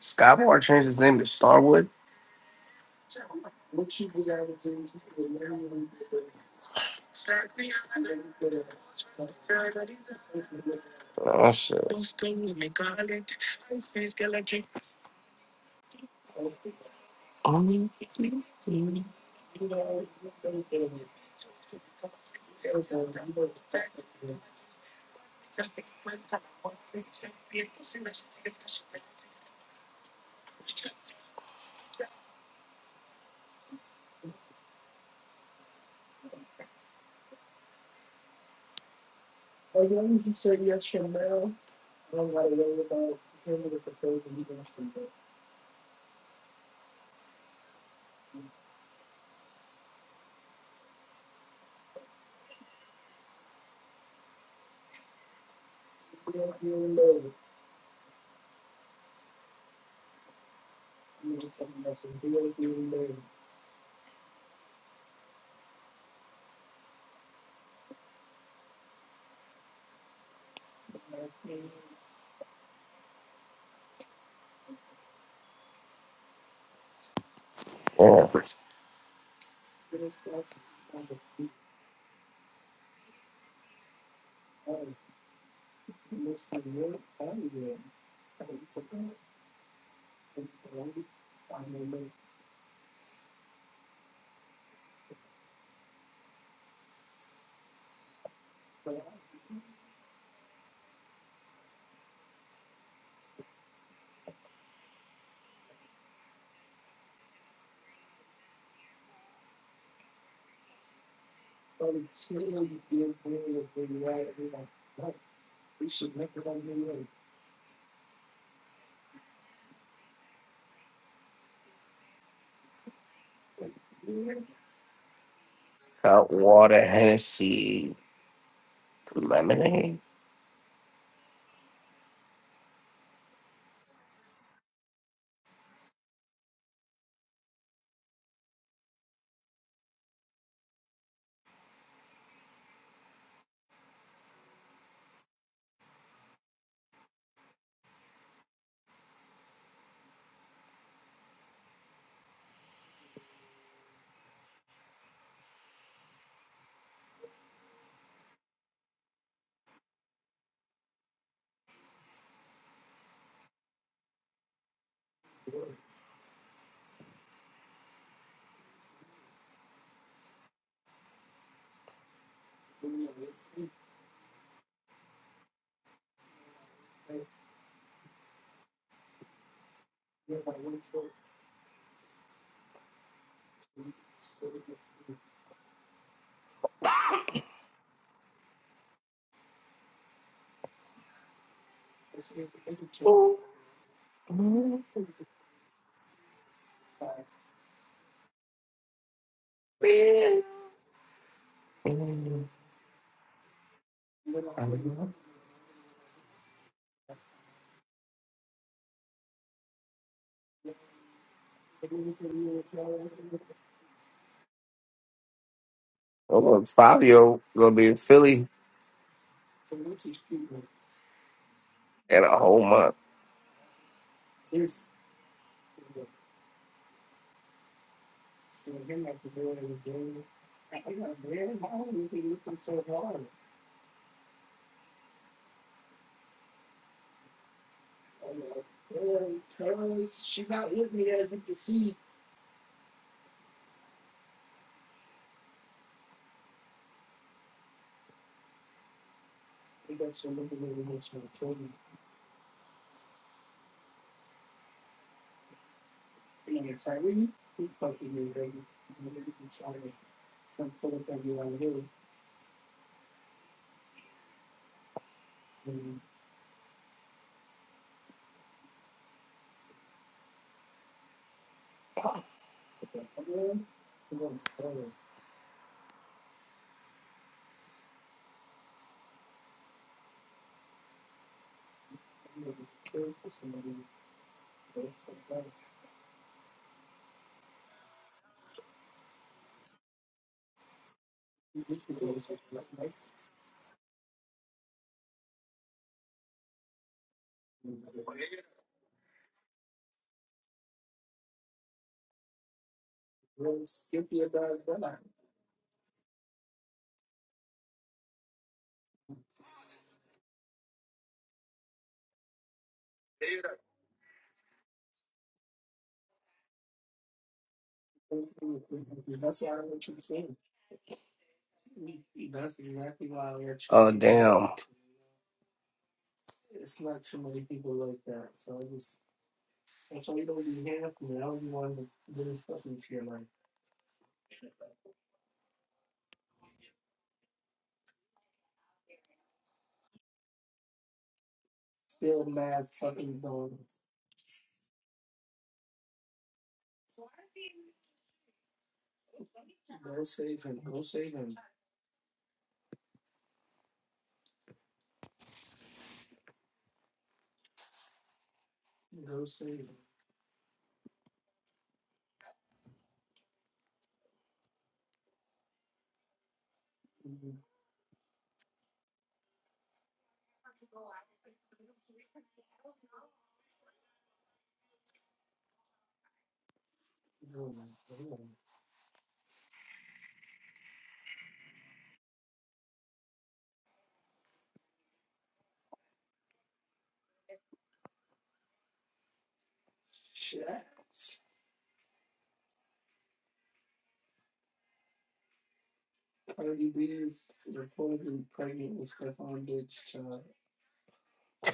A: Skywalker changed his name to Starwood. Oh shit! Yeah. Hot water, Hennessy, lemonade. Oh, look, Fabio gonna be in Philly in a whole month. Oh damn!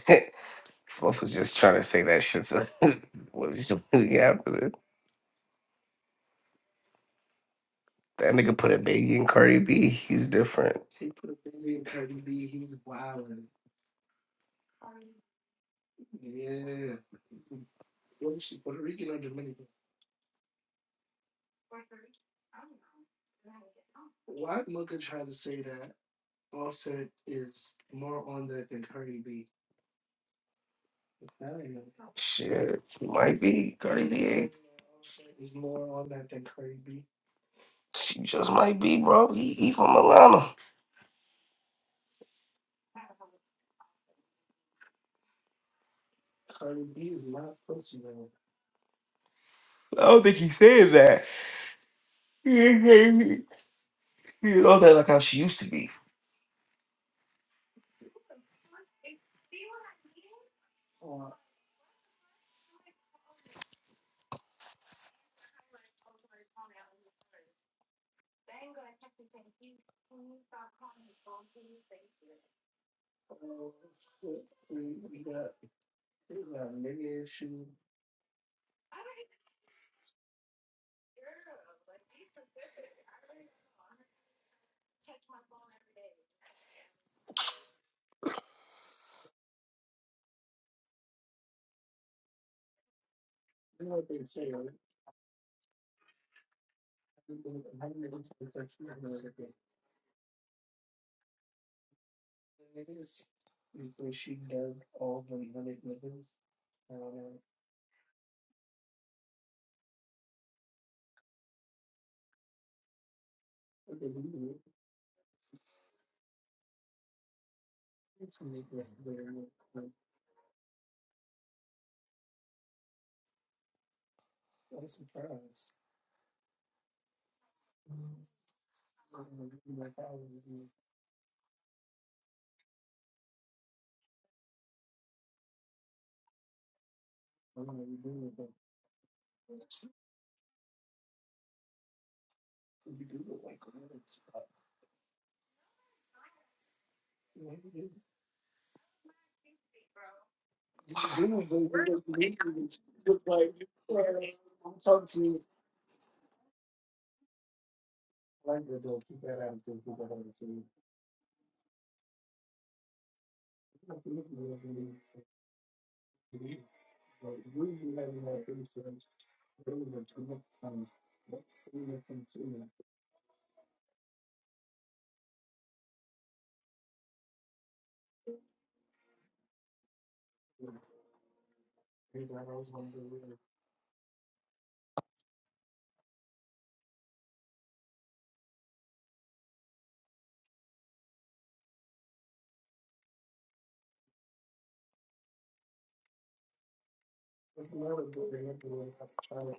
A: Fluff was just trying to say that shit. So what is really happening? That nigga put a baby in Cardi B. He's different. Shit, he might be Cardi B. ain't- She just might be, bro. He, he from Atlanta. I don't think he said that. you know that like how she used to be.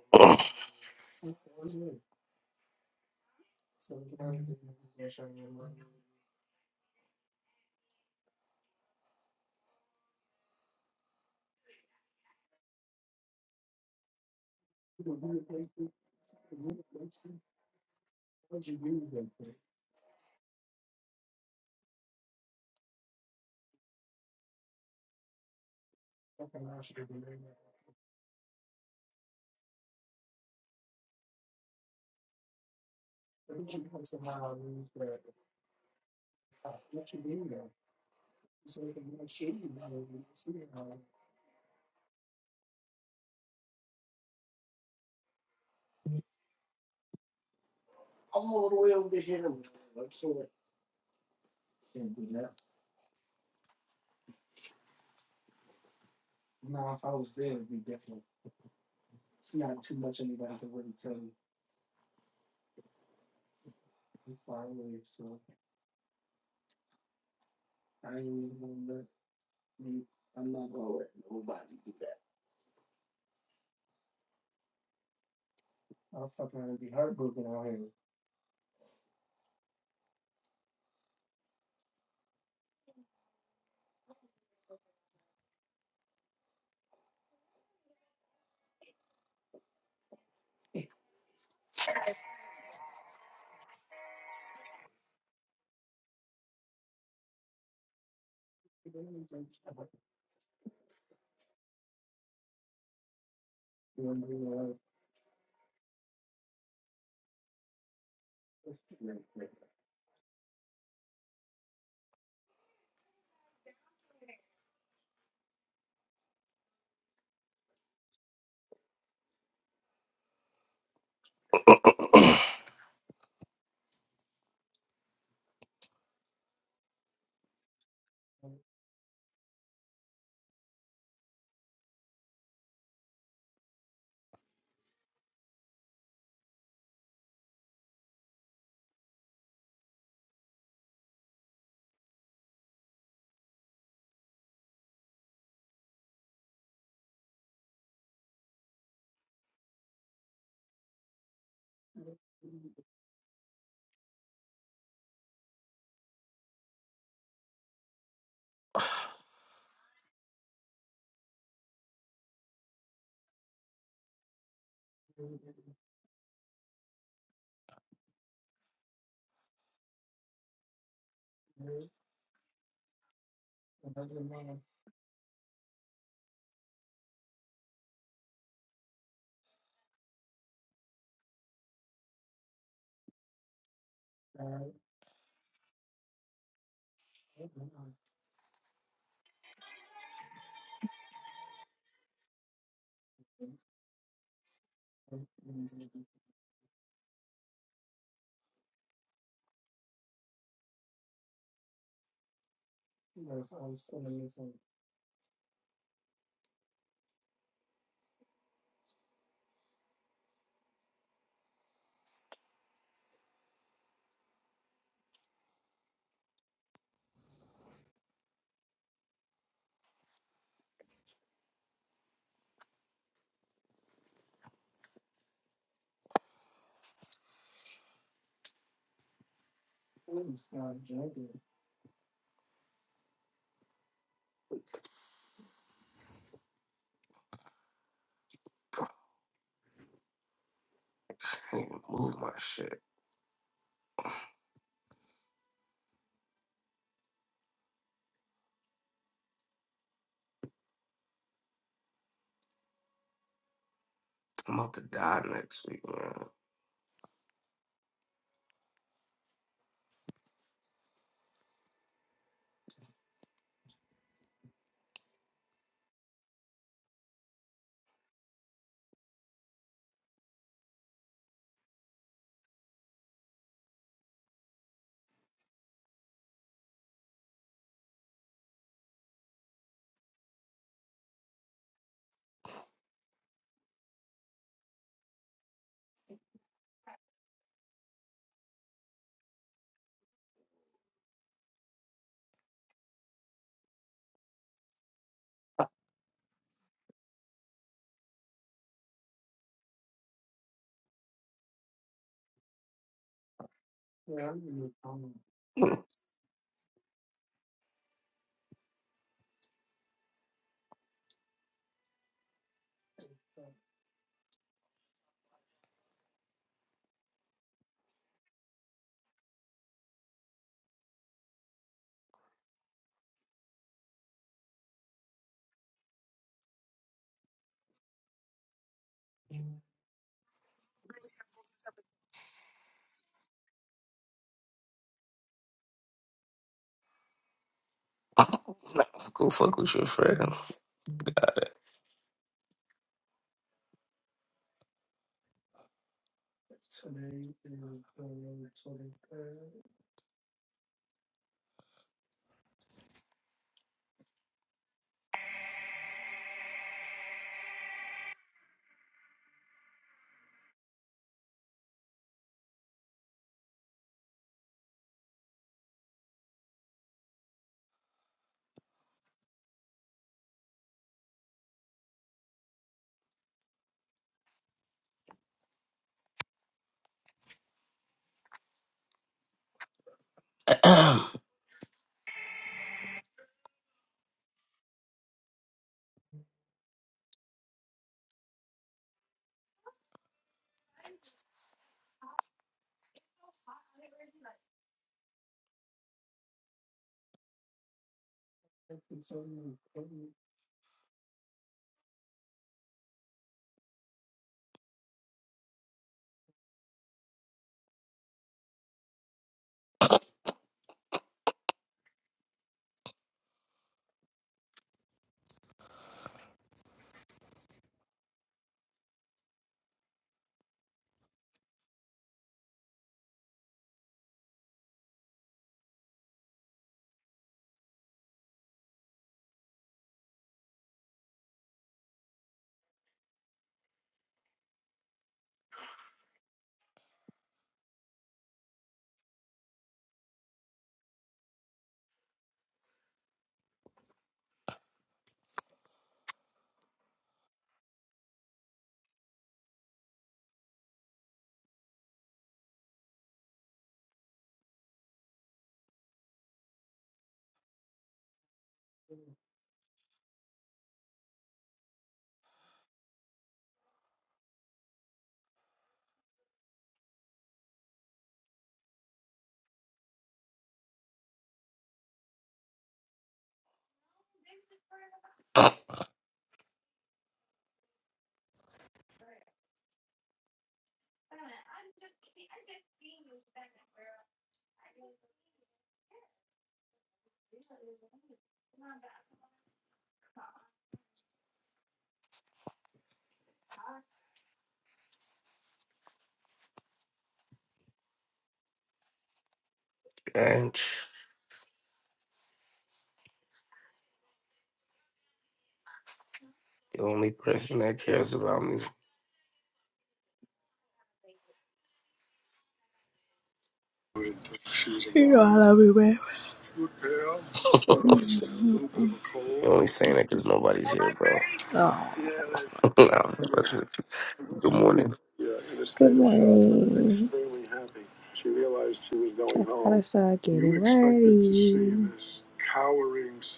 A: I can't even move my shit. I'm about to die next week, man. Nah, Go fuck with your friend. Bitch. The only person that cares about me.
H: know I love you, babe.
A: You're only saying that because nobody's here, bro.
H: Oh,
A: No. that's it. Good morning.
H: I said, getting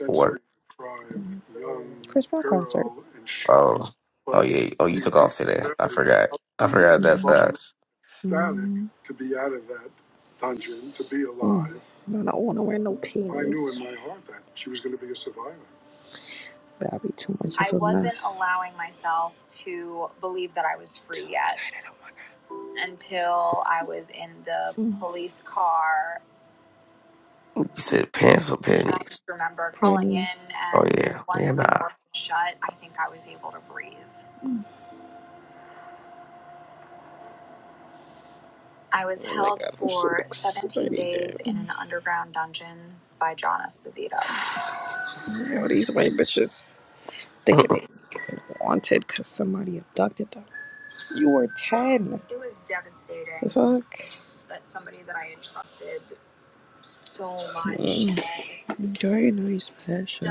A: What? Oh, oh yeah. Oh, you took off today. I forgot. I forgot that fast.
H: Mm. I don't want to wear no panties. But That'd be too much Mm.
A: You said pants or panties? Oh yeah. Man, nah.
H: pretty Now these white bitches thinking they wanted because somebody abducted them. You were 10. fuck? And Very nice passion.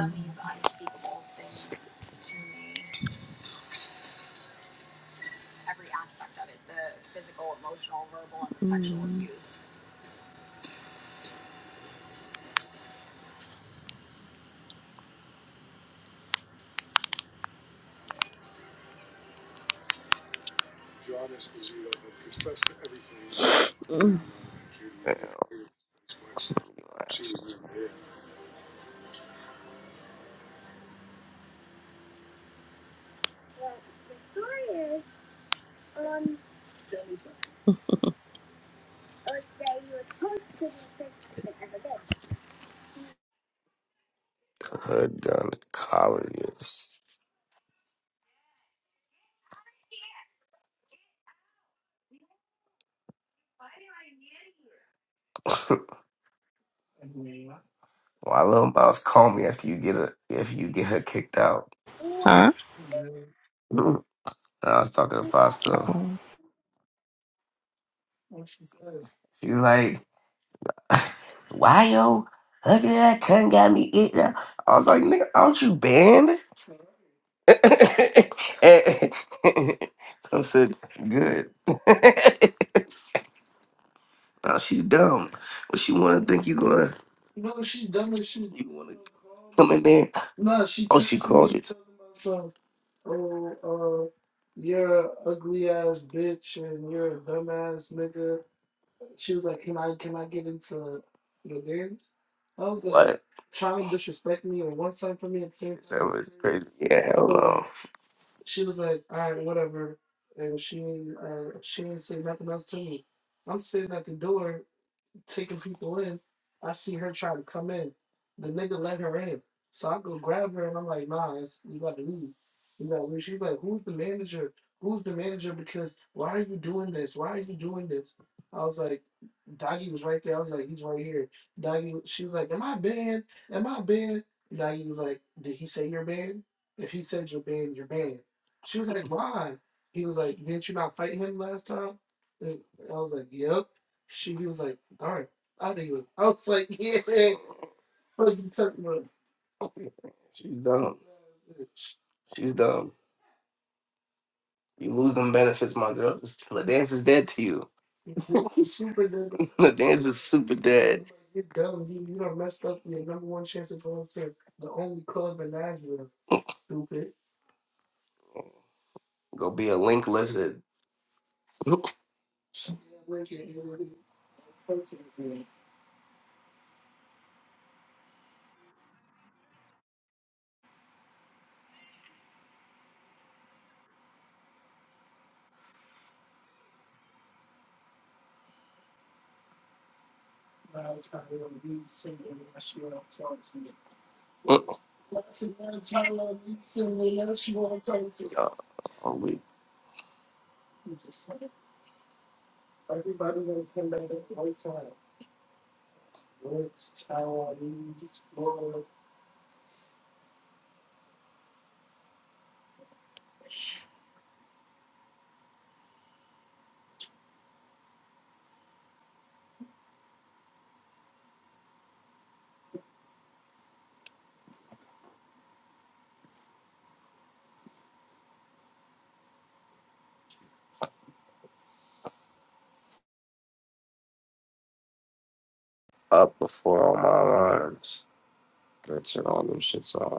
A: Damn. The hood gun colleges. Why little mouse call me after you get her if you get her kicked out?
H: Huh?
A: Mm. I was talking to Pasta. She was like, "Why yo? Look at that cunt got me eating." up." I was like, "Nigga, aren't you banned?" so I said, "Good." Oh, she's dumb. What she wanna think you gonna? No, she's dumb as shit. You wanna come in there? No, she. Oh, she called you. talking about So I was like, what? trying to disrespect me or one time for me at the same time. That was crazy. Yeah, hell no. She's dumb. She's dumb. You lose them benefits, my girl. The dance is dead to you. The dance is super dead. You're dumb. You, you done messed up your number one chance at going to. Go be a link lizard. Oh, up before all my alarms. Gotta turn all them shits off.